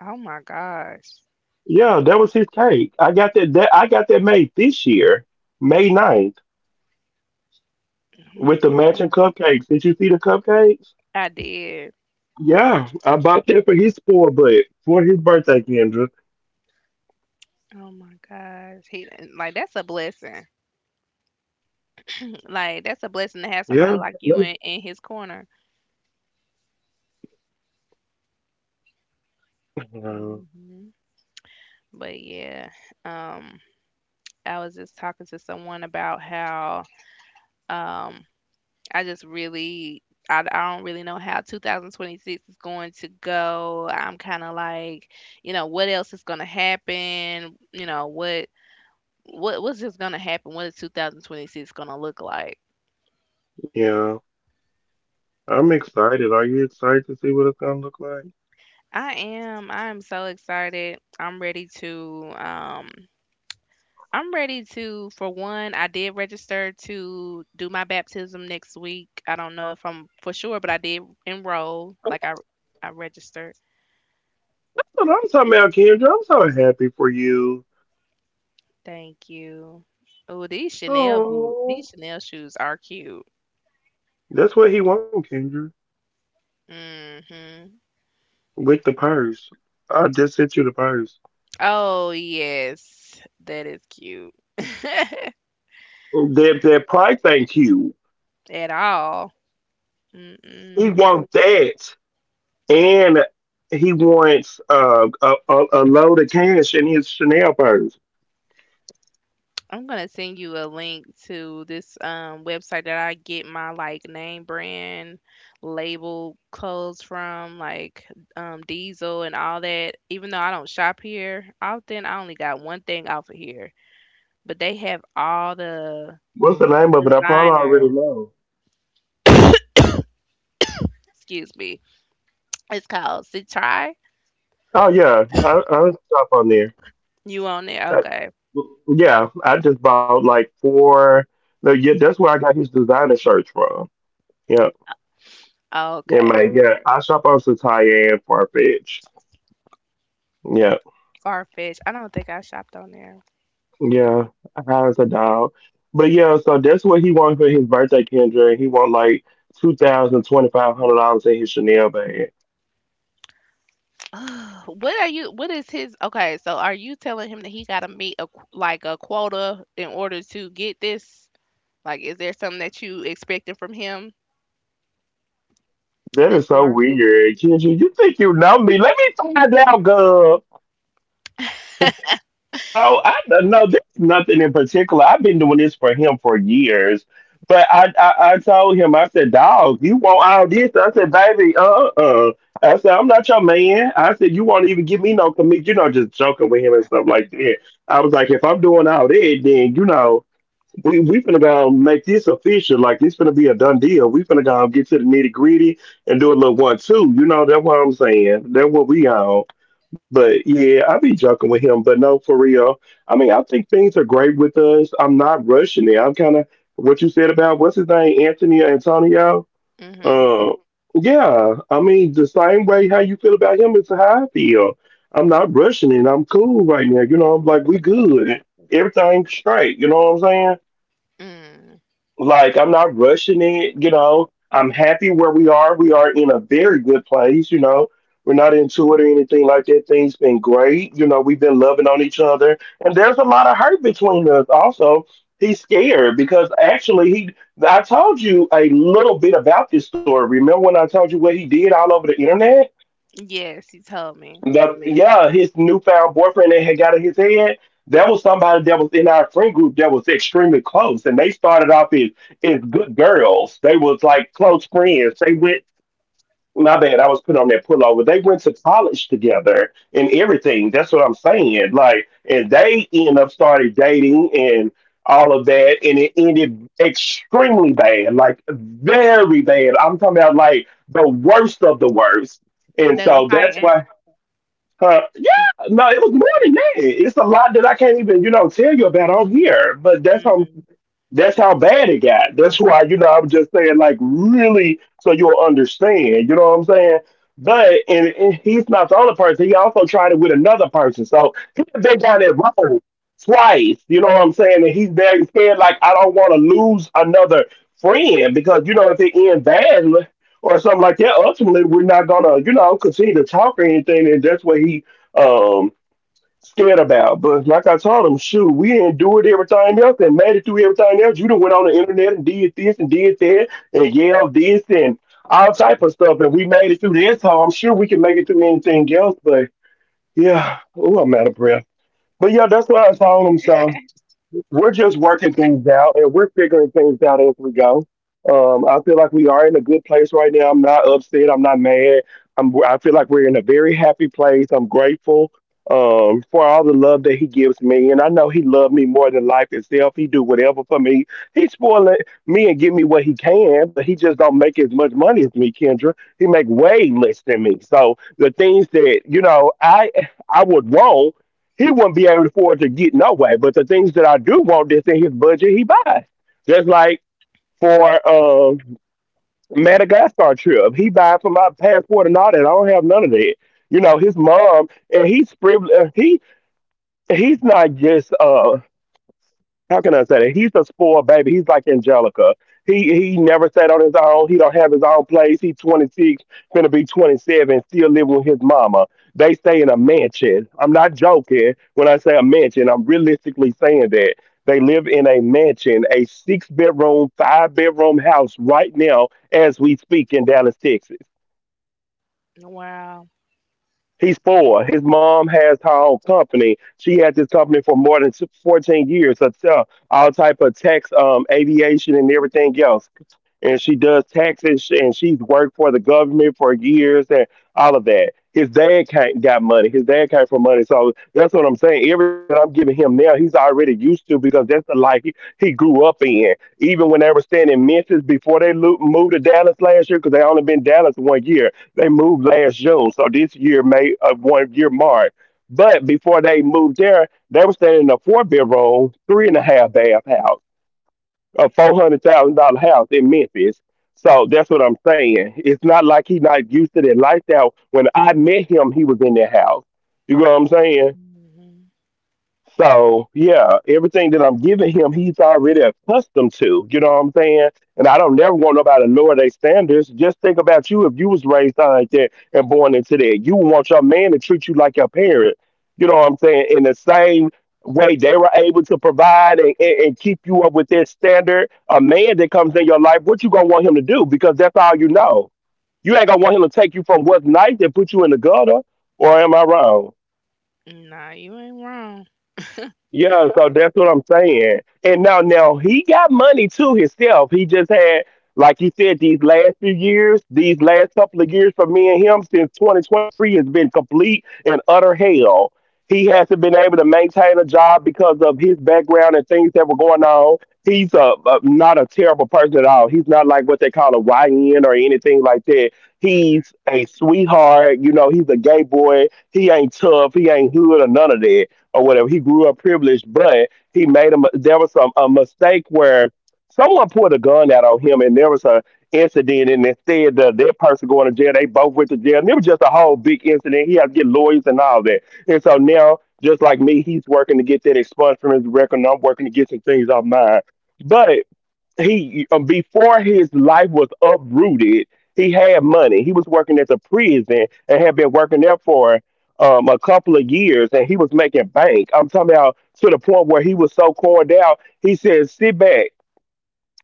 B: Oh my gosh.
A: Yeah, that was his cake. I got that, that I got that made this year, May ninth,
B: Oh
A: with
B: my.
A: the matching cupcakes. Did you see the cupcakes?
B: I did.
A: Yeah, I bought that for his spoiled butt for his birthday, Kendra.
B: Oh my gosh. He Like, that's a blessing.
A: Yeah,
B: Like that's a
A: let
B: blessing
A: me.
B: to have somebody like you in in his corner.
A: Wow,
B: Hmm. But yeah, um, I was just talking to someone about how um I just really I, I don't really know how two thousand twenty-six is going to go. I'm kind of like, you know, what else is going to happen? You know, what what what's just going to happen? What is twenty twenty-six going to look like?
A: yeah, I'm excited. Are you excited to see what it's gonna look like?
B: I am I am so excited. I'm ready to um I'm ready to for one, I did register to do my baptism next week. I don't know if I'm for sure, but I did enroll like I I registered.
A: That's what I'm talking about, Kendra. I'm so happy for you.
B: Thank you. Oh, these Chanel boot,
A: Oh,
B: these Chanel shoes are cute.
A: that's what he wants, Kendra,
B: Hmm.
A: with the purse. I just sent you the purse.
B: Oh, yes. That is cute.
A: That that price ain't cute.
B: At all.
A: He
B: Mm-mm.
A: wants that, and he wants uh, a, a, a load of cash in his Chanel purse.
B: I'm gonna send you a link to this um website that I get my like name brand label clothes from, like um Diesel and all that. Even though I don't shop here often, I only got one thing off of here. But they have all the
A: What's the name of it? I probably already
B: designers,
A: know.
B: excuse me, it's called Citri.
A: Oh yeah, I, I'll stop on there.
B: You on there?
A: Uh,
B: Okay.
A: yeah, I just bought like four. No, yeah, that's where I got his designer shirts from. Yeah, yeah,
B: Okay.
A: man. Yeah, I shop on Sataya and Farfetch. Yeah,
B: Farfetch. I don't think I shopped on there.
A: yeah, I was a dog. But yeah, so that's what he wanted for his birthday, Kendra. He want like two thousand twenty five hundred dollars in his Chanel bag.
B: What are you? What is his? Okay, so are you telling him that he got to meet a qu- like a quota in order to get this? Like, is there something that you expecting from him
A: That
B: that
A: is
B: you
A: so
B: are?
A: weird. Kendra, you think you know me. Let me find out, girl. Oh, I don't know. There's nothing in particular. I've been doing this for him for years. But I, I, I told him, I said, dog, you want all this? I said, baby, uh-uh. I said, I'm not your man. I said, you won't even give me no commit. You know, just joking with him and stuff like that. I was like, if I'm doing all that, then, you know, we we finna go make this official. Like it's finna be a done deal. We finna go get to the nitty gritty and do a little one two. You know that's what I'm saying. That's what we on. But yeah, I be joking with him. But no, for real. I mean, I think things are great with us. I'm not rushing it. I'm kind of what you said about what's his name, Anthony Antonio.
B: Mm-hmm.
A: Uh, yeah. I mean, the same way how you feel about him is how I feel. I'm not rushing it. I'm cool right now. You know, I'm like we good. Everything's straight. You know what I'm saying?
B: Mm.
A: Like, I'm not rushing it, you know. I'm happy where we are. We are in a very good place, you know. We're not into it or anything like that. Things been great. You know, we've been loving on each other. And there's a lot of hurt between us. Also, he's scared because actually he I told you a little bit about this story. Remember when I told you what he did all over the internet?
B: Yes, he told me
A: The Yeah, his newfound boyfriend that had got in his head. That was somebody that was in our friend group that was extremely close, and they started off as as good girls. They was like close friends. They went. My bad, I was put on that pullover. They went to college together and everything. That's what I'm saying. Like, and they end up started dating and all of that, and it ended extremely bad, like very bad. I'm talking about like the worst of the worst. And
B: they were
A: so that's
B: fighting.
A: why uh, yeah, no, it was more than that. It's a lot that I can't even, you know, tell you about on here. But that's how
B: Mm-hmm.
A: that's how bad it got. That's why, you know, I'm just saying, like, really, so you'll understand. You know what I'm saying? But, and, and he's not the only person. He also tried it with another person. So he's been down that road twice. You know what I'm saying? And he's very scared, like, I don't want to lose another friend because, you know, if it ends badly or something like that, ultimately, we're not going to, you know, continue to talk or anything. And that's what he, um, scared about. But like I told him, shoot, we didn't do endured everything else and made it through everything else. You done went on the internet and did this and did that and yelled this and all type of stuff, and we made it through this. So I'm sure we can make it through anything else. But yeah, oh, I'm out of breath. But yeah, that's what I told him. So we're just working things out and we're figuring things out as we go. Um, I feel like we are in a good place right now. I'm not upset. I'm not mad. I'm, I feel like we're in a very happy place. I'm grateful um, for all the love that he gives me. And I know he loved me more than life itself. He do whatever for me. He spoiling me and give me what he can, but he just don't make as much money as me, Kendra. He make way less than me. So the things that, you know, I I would want he wouldn't be able to afford to get no way. But the things that I do want that's in his budget, he buys. Just like for um Madagascar trip, he buys for my passport and all that. I don't have none of that. You know, his mom and he's privileged. He he's not just uh how can I say that? He's a spoiled baby. He's like Angelica. He he never sat on his own. He don't have his own place. He's twenty-six, gonna be twenty-seven, still living with his mama. They stay in a mansion. I'm not joking when I say a mansion. I'm realistically saying that they live in a mansion, a six bedroom, five bedroom house right now as we speak in Dallas, Texas.
B: Wow.
A: He's four. His mom has her own company. She had this company for more than fourteen years. So so all type of tax, um, aviation, and everything else. And she does taxes, and she's worked for the government for years and all of that. His dad can't got money. His dad came from money, so that's what I'm saying. Everything that I'm giving him now, he's already used to because that's the life he, he grew up in. Even when they were staying in Memphis before they lo- moved to Dallas last year, because they only been in Dallas one year, they moved last June, so this year made a one year mark. But before they moved there, they were staying in a four bedroom, three and a half bath house, a four hundred thousand dollar house in Memphis. So that's what I'm saying. It's not like he's not used to that lifestyle. When I met him, he was in that house. You know what I'm saying?
B: Mm-hmm.
A: So yeah, everything that I'm giving him, he's already accustomed to. You know what I'm saying? And I don't never want nobody to lower their standards. Just think about you if you was raised like that and born into that. You would want your man to treat you like your parent. You know what I'm saying? In the same way they were able to provide and, and, and keep you up with their standard, a man that comes in your life, what you gonna want him to do? Because that's all you know. You ain't gonna want him to take you from what's nice and put you in the gutter, or am I wrong?
B: Nah, you ain't wrong.
A: Yeah, so that's what I'm saying. And now, now he got money too himself. He just had, like you said, these last few years, these last couple of years for me and him since twenty twenty-three has been complete and utter hell. He hasn't been able to maintain a job because of his background and things that were going on. He's a, a not a terrible person at all. He's not like what they call a Y N or anything like that.
B: Mm-hmm.
A: He's a sweetheart. You know, he's a gay boy. He ain't tough. He ain't hood or none of that or whatever. He grew up privileged, but he made a mi- there was some a mistake where someone pulled a gun out on him, and there was a incident, and instead of that person going to jail, they both went to jail. And it was just a whole big incident. He had to get lawyers and all that, and so now. Just like me, he's working to get that expunged from his record, and I'm working to get some things off mine. But he uh, before his life was uprooted, he had money. He was working at the prison and had been working there for um, a couple of years, and he was making bank. I'm talking about to the point where he was so cored out. He said, "Sit back,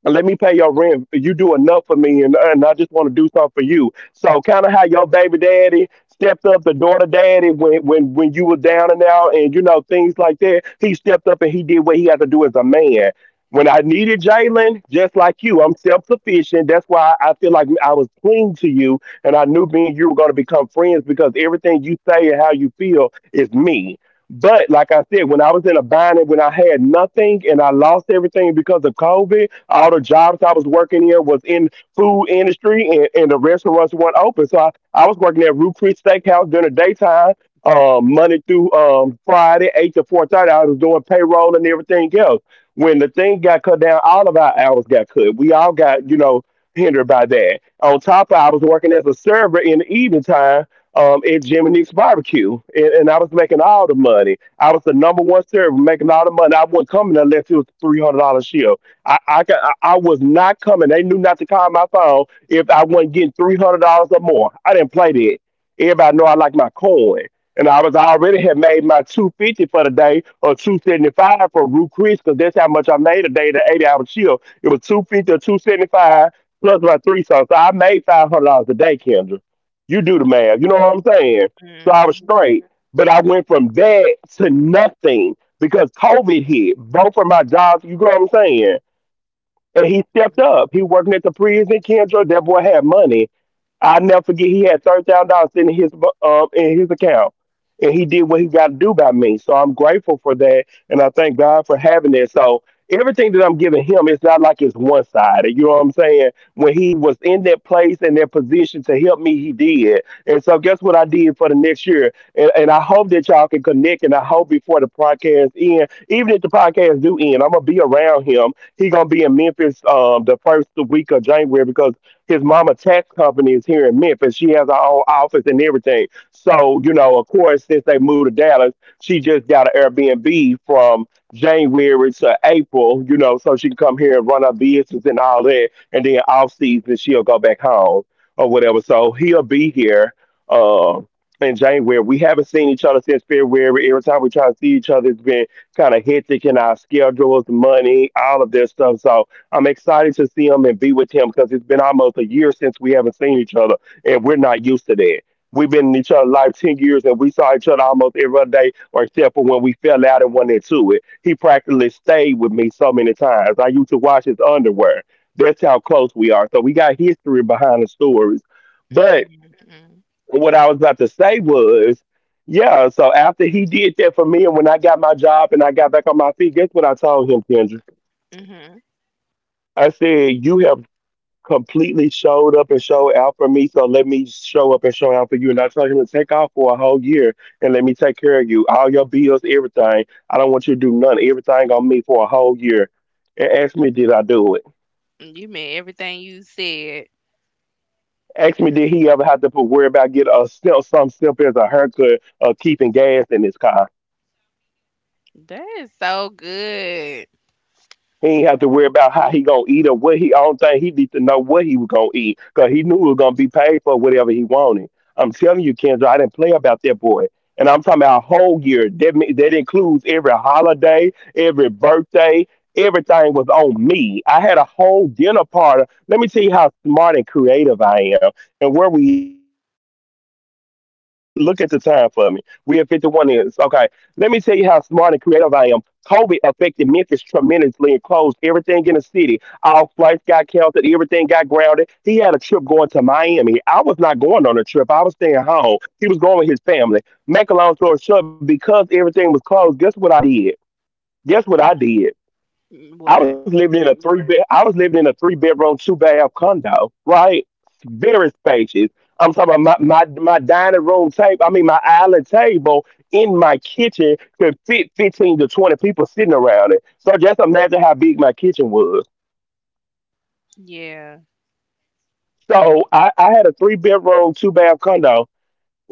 A: let me pay your rent. You do enough for me, and, and I just want to do something for you." So kind of how your baby daddy stepped up the daughter daddy when when when you were down and out, and you know things like that. He stepped up and he did what he had to do as a man. When I needed Jalen, just like you, I'm self sufficient. That's why I feel like I was clean to you, and I knew me and you were going to become friends because everything you say and how you feel is me. But like I said, when I was in a bind and when I had nothing and I lost everything because of COVID, all the jobs I was working in was in food industry and, and the restaurants weren't open. So I, I was working at Root Creek Steakhouse during the daytime, um, Monday through um, Friday, eight to four thirty. I was doing payroll and everything else. When the thing got cut down, all of our hours got cut. We all got, you know, hindered by that. On top of I was working as a server in the evening time um, at Jim and Nick's Barbecue, and, and I was making all the money. I was the number one server making all the money. I wasn't coming unless it was three hundred dollars shift. I I, ca- I I was not coming. They knew not to call my phone if I wasn't getting three hundred dollars or more. I didn't play that. Everybody know I like my coin, and I was I already had made my two fifty for the day or two seventy five for Root Chris because that's how much I made a day the eighty hour chill. It was two fifty or two seventy five plus my three songs. So I made five hundred dollars a day, Kendra. You do the math. You know what I'm saying? So I was
B: Mm-hmm.
A: straight, but I went from that to nothing because COVID hit. Both of my jobs. You know what I'm saying? And he stepped up. He working at the prison, Kendra. That boy had money. I never forget he had thirty thousand dollars in his um in his account, and he did what he got to do by me. So I'm grateful for that, and I thank God for having that. So everything that I'm giving him, it's not like it's one sided. You know what I'm saying? When he was in that place and that position to help me, he did. And so guess what I did for the next year? And, and I hope that y'all can connect, and I hope before the podcast end, even if the podcast do end, I'm gonna be around him. He gonna be in Memphis um the first week of January because his mama tax company is here in Memphis. She has her own office and everything. So, you know, of course, since they moved to Dallas, she just got an Airbnb from January to April, you know, so she can come here and run her business and all that. And then off season, she'll go back home or whatever. So he'll be here. Um, in January. We haven't seen each other since February. Every time we try to see each other, it's been kind of hectic in our schedules, money, all of that stuff. So I'm excited to see him and be with him because it's been almost a year since we haven't seen each other, and we're not used to that. We've been in each other's life ten years, and we saw each other almost every other day, or except for when we fell out and went into it. He practically stayed with me so many times. I used to wash his underwear. That's how close we are. So we got history behind the stories. But what I was about to say was, yeah, so after he did that for me, and when I got my job and I got back on my feet, guess what I told him, Kendra?
B: Mm-hmm.
A: I said, you have completely showed up and showed out for me. So let me show up and show out for you. And I told him to take off for a whole year and let me take care of you. All your bills, everything. I don't want you to do none. Everything on me for a whole year. And ask me, did I do it?
B: Mm, you meant everything you said.
A: Ask me, did he ever have to put- worry about getting a step, some step as a haircut or keeping gas in his car?
B: That is so good.
A: He ain't have to worry about how he gonna eat or what he. I don't think he need to know what he was gonna eat because he knew he was gonna be paid for whatever he wanted. I'm telling you, Kendra, I didn't play about that boy, and I'm talking about a whole year. That me- that includes every holiday, every birthday, everything was on me. I had a whole dinner party. Let me tell you how smart and creative I am, and where we at. Look at the time for me. We at fifty-one is okay, let me tell you how smart and creative I am. COVID affected Memphis tremendously and closed everything in the city. All flights got canceled. Everything got grounded. He had a trip going to Miami. I was not going on a trip. I was staying home. He was going with his family. Make a long story short, because everything was closed, guess what I did? Guess what I
B: Mm,
A: did? I was
B: what?
A: living in a three bed. I was living in a three bedroom, two bath condo, right? Very spacious. I'm talking about my, my my dining room table. I mean, my island table in my kitchen could fit fifteen to twenty people sitting around it. So just imagine how big my kitchen was.
B: Yeah.
A: So I, I had a three bedroom, two bath condo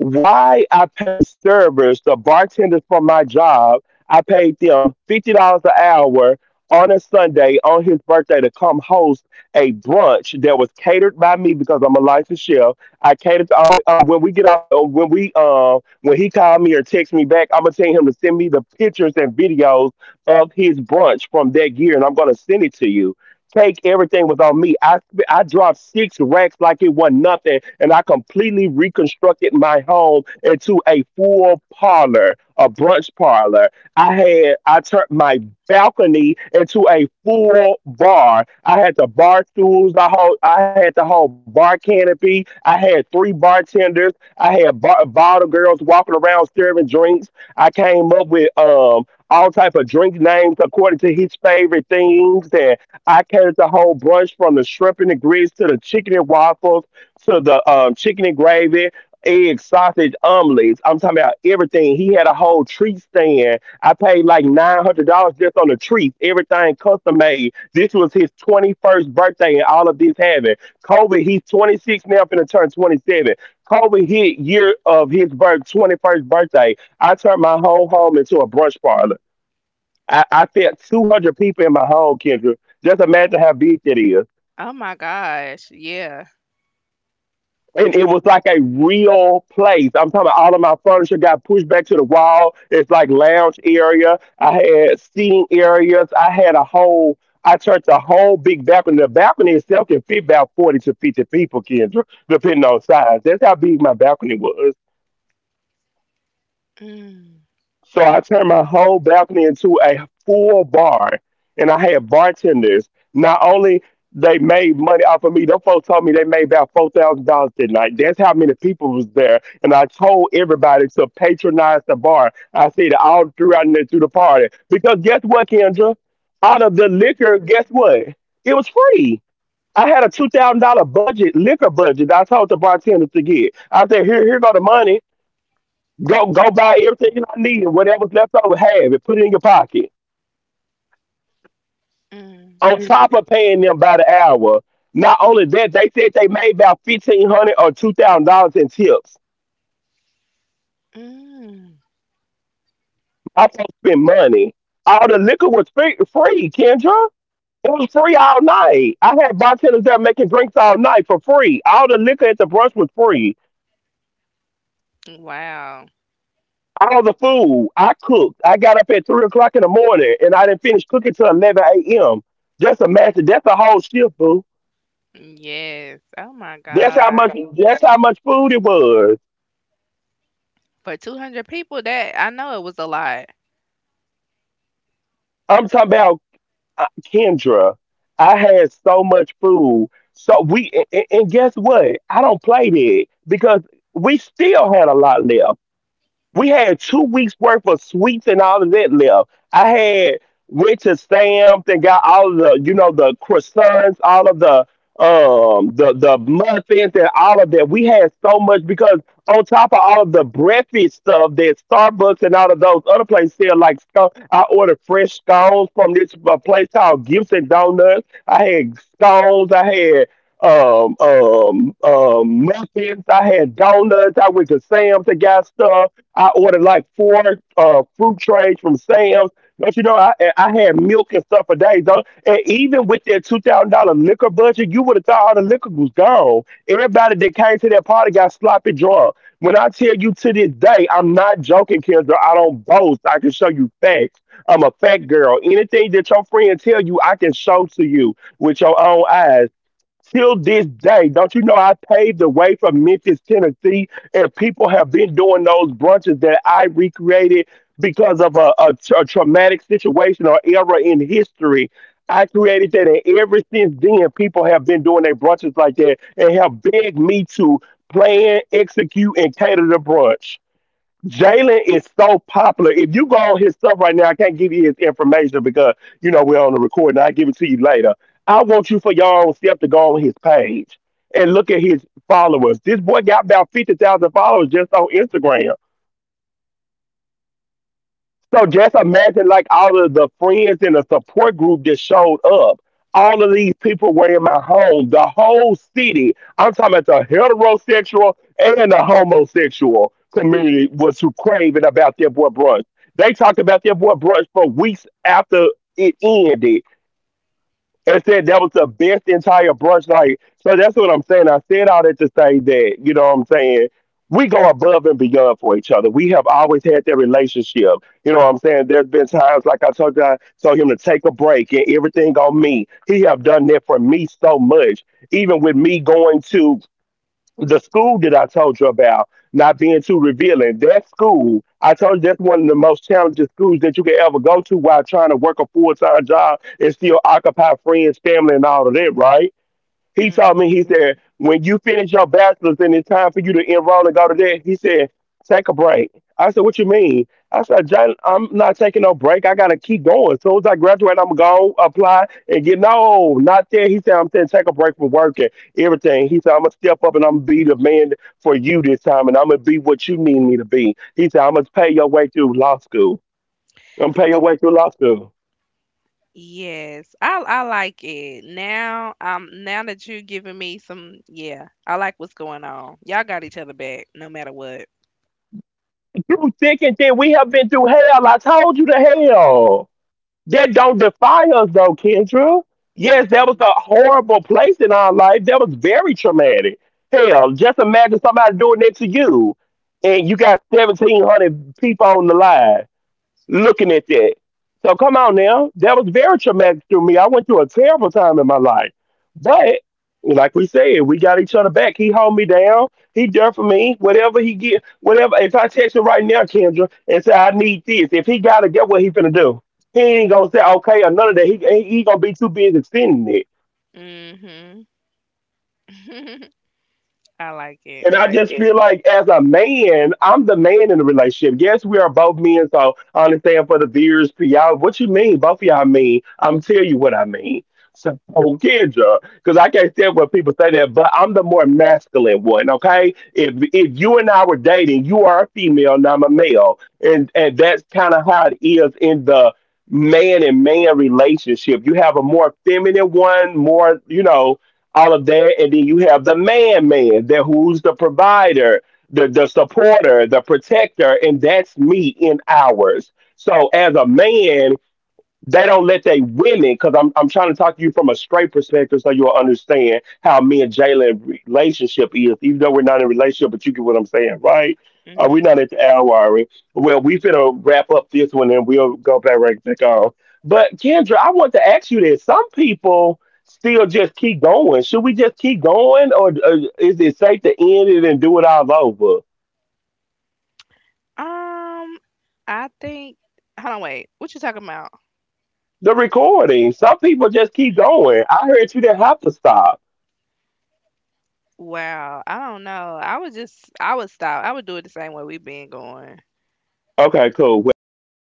A: why I pay servers, the bartenders for my job, I paid them fifty dollars an hour on a Sunday on his birthday to come host a brunch that was catered by me because I'm a licensed chef. I catered. To, I'm, a, I'm when we get out the when we uh, when he called me or text me back, I'm gonna tell him to send me the pictures and videos of his brunch from that year, and I'm gonna send it to you take everything was on me. I I dropped six racks like it was nothing, and I completely reconstructed my home into a full parlor, a brunch parlor. I had I turned my balcony into a full bar. I had the bar stools, the whole I had the whole bar canopy. I had three bartenders. I had bar, bottle girls walking around serving drinks. I came up with um all type of drink names according to his favorite things, and I carried the whole brunch from the shrimp and the grits to the chicken and waffles to the um, chicken and gravy, egg, sausage, omelets. I'm talking about everything. He had a whole treat stand. I paid like nine hundred dollars just on the treats, everything custom made. This was his twenty-first birthday and all of this happened. COVID, he's twenty-six now, finna turn twenty-seven. COVID hit year of his birth, twenty-first birthday. I turned my whole home into a brunch parlor. I, I fed two hundred people in my home, Kendra. Just imagine how big that is.
B: Oh my gosh. Yeah.
A: And it was like a real place. I'm talking about all of my furniture got pushed back to the wall. It's like lounge area. I had seating areas. I had a whole, I churched a whole big balcony. The balcony itself can fit about forty to fifty people, Kendra, depending on size. That's how big my balcony was.
B: Mm,
A: So I turned my whole balcony into a full bar, and I had bartenders. Not only they made money off of me, them folks told me they made about four thousand dollars that night. That's how many people was there, and I told everybody to patronize the bar. I said it all throughout and through the party because guess what, Kendra? Out of the
B: mm,
A: liquor, guess what? It was free. I had a two thousand dollar budget, liquor budget that I told the bartender to get. I said, "Here, here go the money. Go go buy everything I need and whatever's left over, have it, put it in your pocket."
B: mm,
A: On top of paying them by the hour, not only that, they said they made about fifteen hundred or two thousand dollars in tips.
B: mm.
A: I supposed to spend money. All the liquor was free, free, Kendra. It was free all night. I had bartenders there making drinks all night for free. All the liquor at the brunch was free.
B: Wow.
A: All the food I cooked. I got up at three o'clock in the morning and I didn't finish cooking till eleven a m. Just imagine that's a whole shift, boo.
B: Yes. Oh my
A: That's how
B: God.
A: much. That's how much food it was.
B: For two hundred people, that I know it was a lot.
A: I'm talking about uh, Kendra. I had so much food. So we and, and guess what? I don't play that because we still had a lot left. We had two weeks worth of sweets and all of that left. I had went to Sam's and got all of the, you know, the croissants, all of the um the the muffins and all of that. We had so much because on top of all of the breakfast stuff that Starbucks and all of those other places sell, like scone, I ordered fresh scones from this uh, place called Gibson Donuts. I had scones. I had um um um muffins. I had donuts. I went to Sam's and got stuff. I ordered like four uh, fruit trays from Sam's. Don't you know I I had milk and stuff for days. Don't- And even with that two thousand dollar liquor budget, you would have thought all the liquor was gone. Everybody that came to that party got sloppy drunk. When I tell you to this day, I'm not joking, Kendra. I don't boast. I can show you facts. I'm a fact girl. Anything that your friend tell you, I can show to you with your own eyes till this day. Don't you know I paved the way from Memphis, Tennessee, and people have been doing those brunches that I recreated because of a, a, tra- a traumatic situation or era in history. I created that, and ever since then, people have been doing their brunches like that and have begged me to plan, execute, and cater the brunch. Jalen is so popular. If you go on his stuff right now, I can't give you his information because you know we're on the recording. I'll give it to you later. I want you for your own self to go on his page and look at his followers. This boy got about fifty thousand followers just on Instagram. So just imagine like all of the friends in the support group that showed up. All of these people were in my home, the whole city. I'm talking about the heterosexual and the homosexual community was who craving about their boy brunch. They talked about their boy brunch for weeks after it ended and said that was the best entire brunch night. So that's what I'm saying. I said all that to say that, you know what I'm saying? We go above and beyond for each other. We have always had that relationship. You know what I'm saying? There's been times like I told you, I told him to take a break and everything on me. He have done that for me so much. Even with me going to the school that I told you about not being too revealing, that school, I told you that's one of the most challenging schools that you can ever go to while trying to work a full time job and still occupy friends, family, and all of that, right? He told me,
B: Hmm.
A: he said, when you finish your bachelor's and it's time for you to enroll and go to that, he said, take a break. I said, what you mean? I said, "Jalen, I'm not taking no break. I got to keep going. As soon as I graduate, I'm going to apply and get, no, not there." He said, "I'm saying take a break from work and everything." He said, "I'm going to step up and I'm going to be the man for you this time and I'm going to be what you need me to be." He said, "I'm going to pay your way through law school. I'm going to pay your way through law school."
B: Yes. I I like it. Now, um, now that you're giving me some, yeah, I like what's going on. Y'all got each other back no matter what.
A: You thick and thin. We have been through hell. I told you to hell. That don't defy us though, Kendra. Yes, that was
B: Hmm.
A: a horrible place in our life. That was very traumatic. Hell, just imagine somebody doing that to you and you got seventeen hundred people on the line looking at that. So come on now. That was very traumatic to me. I went through a terrible time in my life. But like we said, we got each other back. He hold me down. He there for me. Whatever he get, whatever. If I text him right now, Kendra, and say I need this, if he gotta get what he finna do, he ain't gonna say okay or none of that. He he, he gonna be too busy sending it.
B: Hmm. I like it.
A: And I just feel like as a man, I'm the man in the relationship. Yes, we are both men, so I understand for the viewers, for y'all, what you mean, both of y'all mean, I'm tell you what I mean. So oh, Kendra, because I can't stand when people say that, but I'm the more masculine one, okay? If if you and I were dating, you are a female and I'm a male. And and that's kind of how it is in the man and man relationship. You have a more feminine one, more, you know, all of that. And then you have the man man that who's the provider, the, the supporter, the protector, and that's me in ours. So as a man, they don't let they women because I'm I'm trying to talk to you from a straight perspective so you'll understand how me and Jalen relationship is, even though we're not in a relationship, but you get what I'm saying, right? Uh, we're
B: Mhm.
A: not at the hour already. Well, we finna wrap up this one and we'll go back right back on. But Kendra, I want to ask you this. Some people still just keep going. Should we just keep going or uh, is it safe to end it and do it all over?
B: Um, I think Hold on, wait. What you talking about?
A: The recording. Some people just keep going. I heard you didn't have to stop.
B: Wow, I don't know. I would just I would stop. I would do it the same way we've been going.
A: Okay, cool. Well, I'm, let me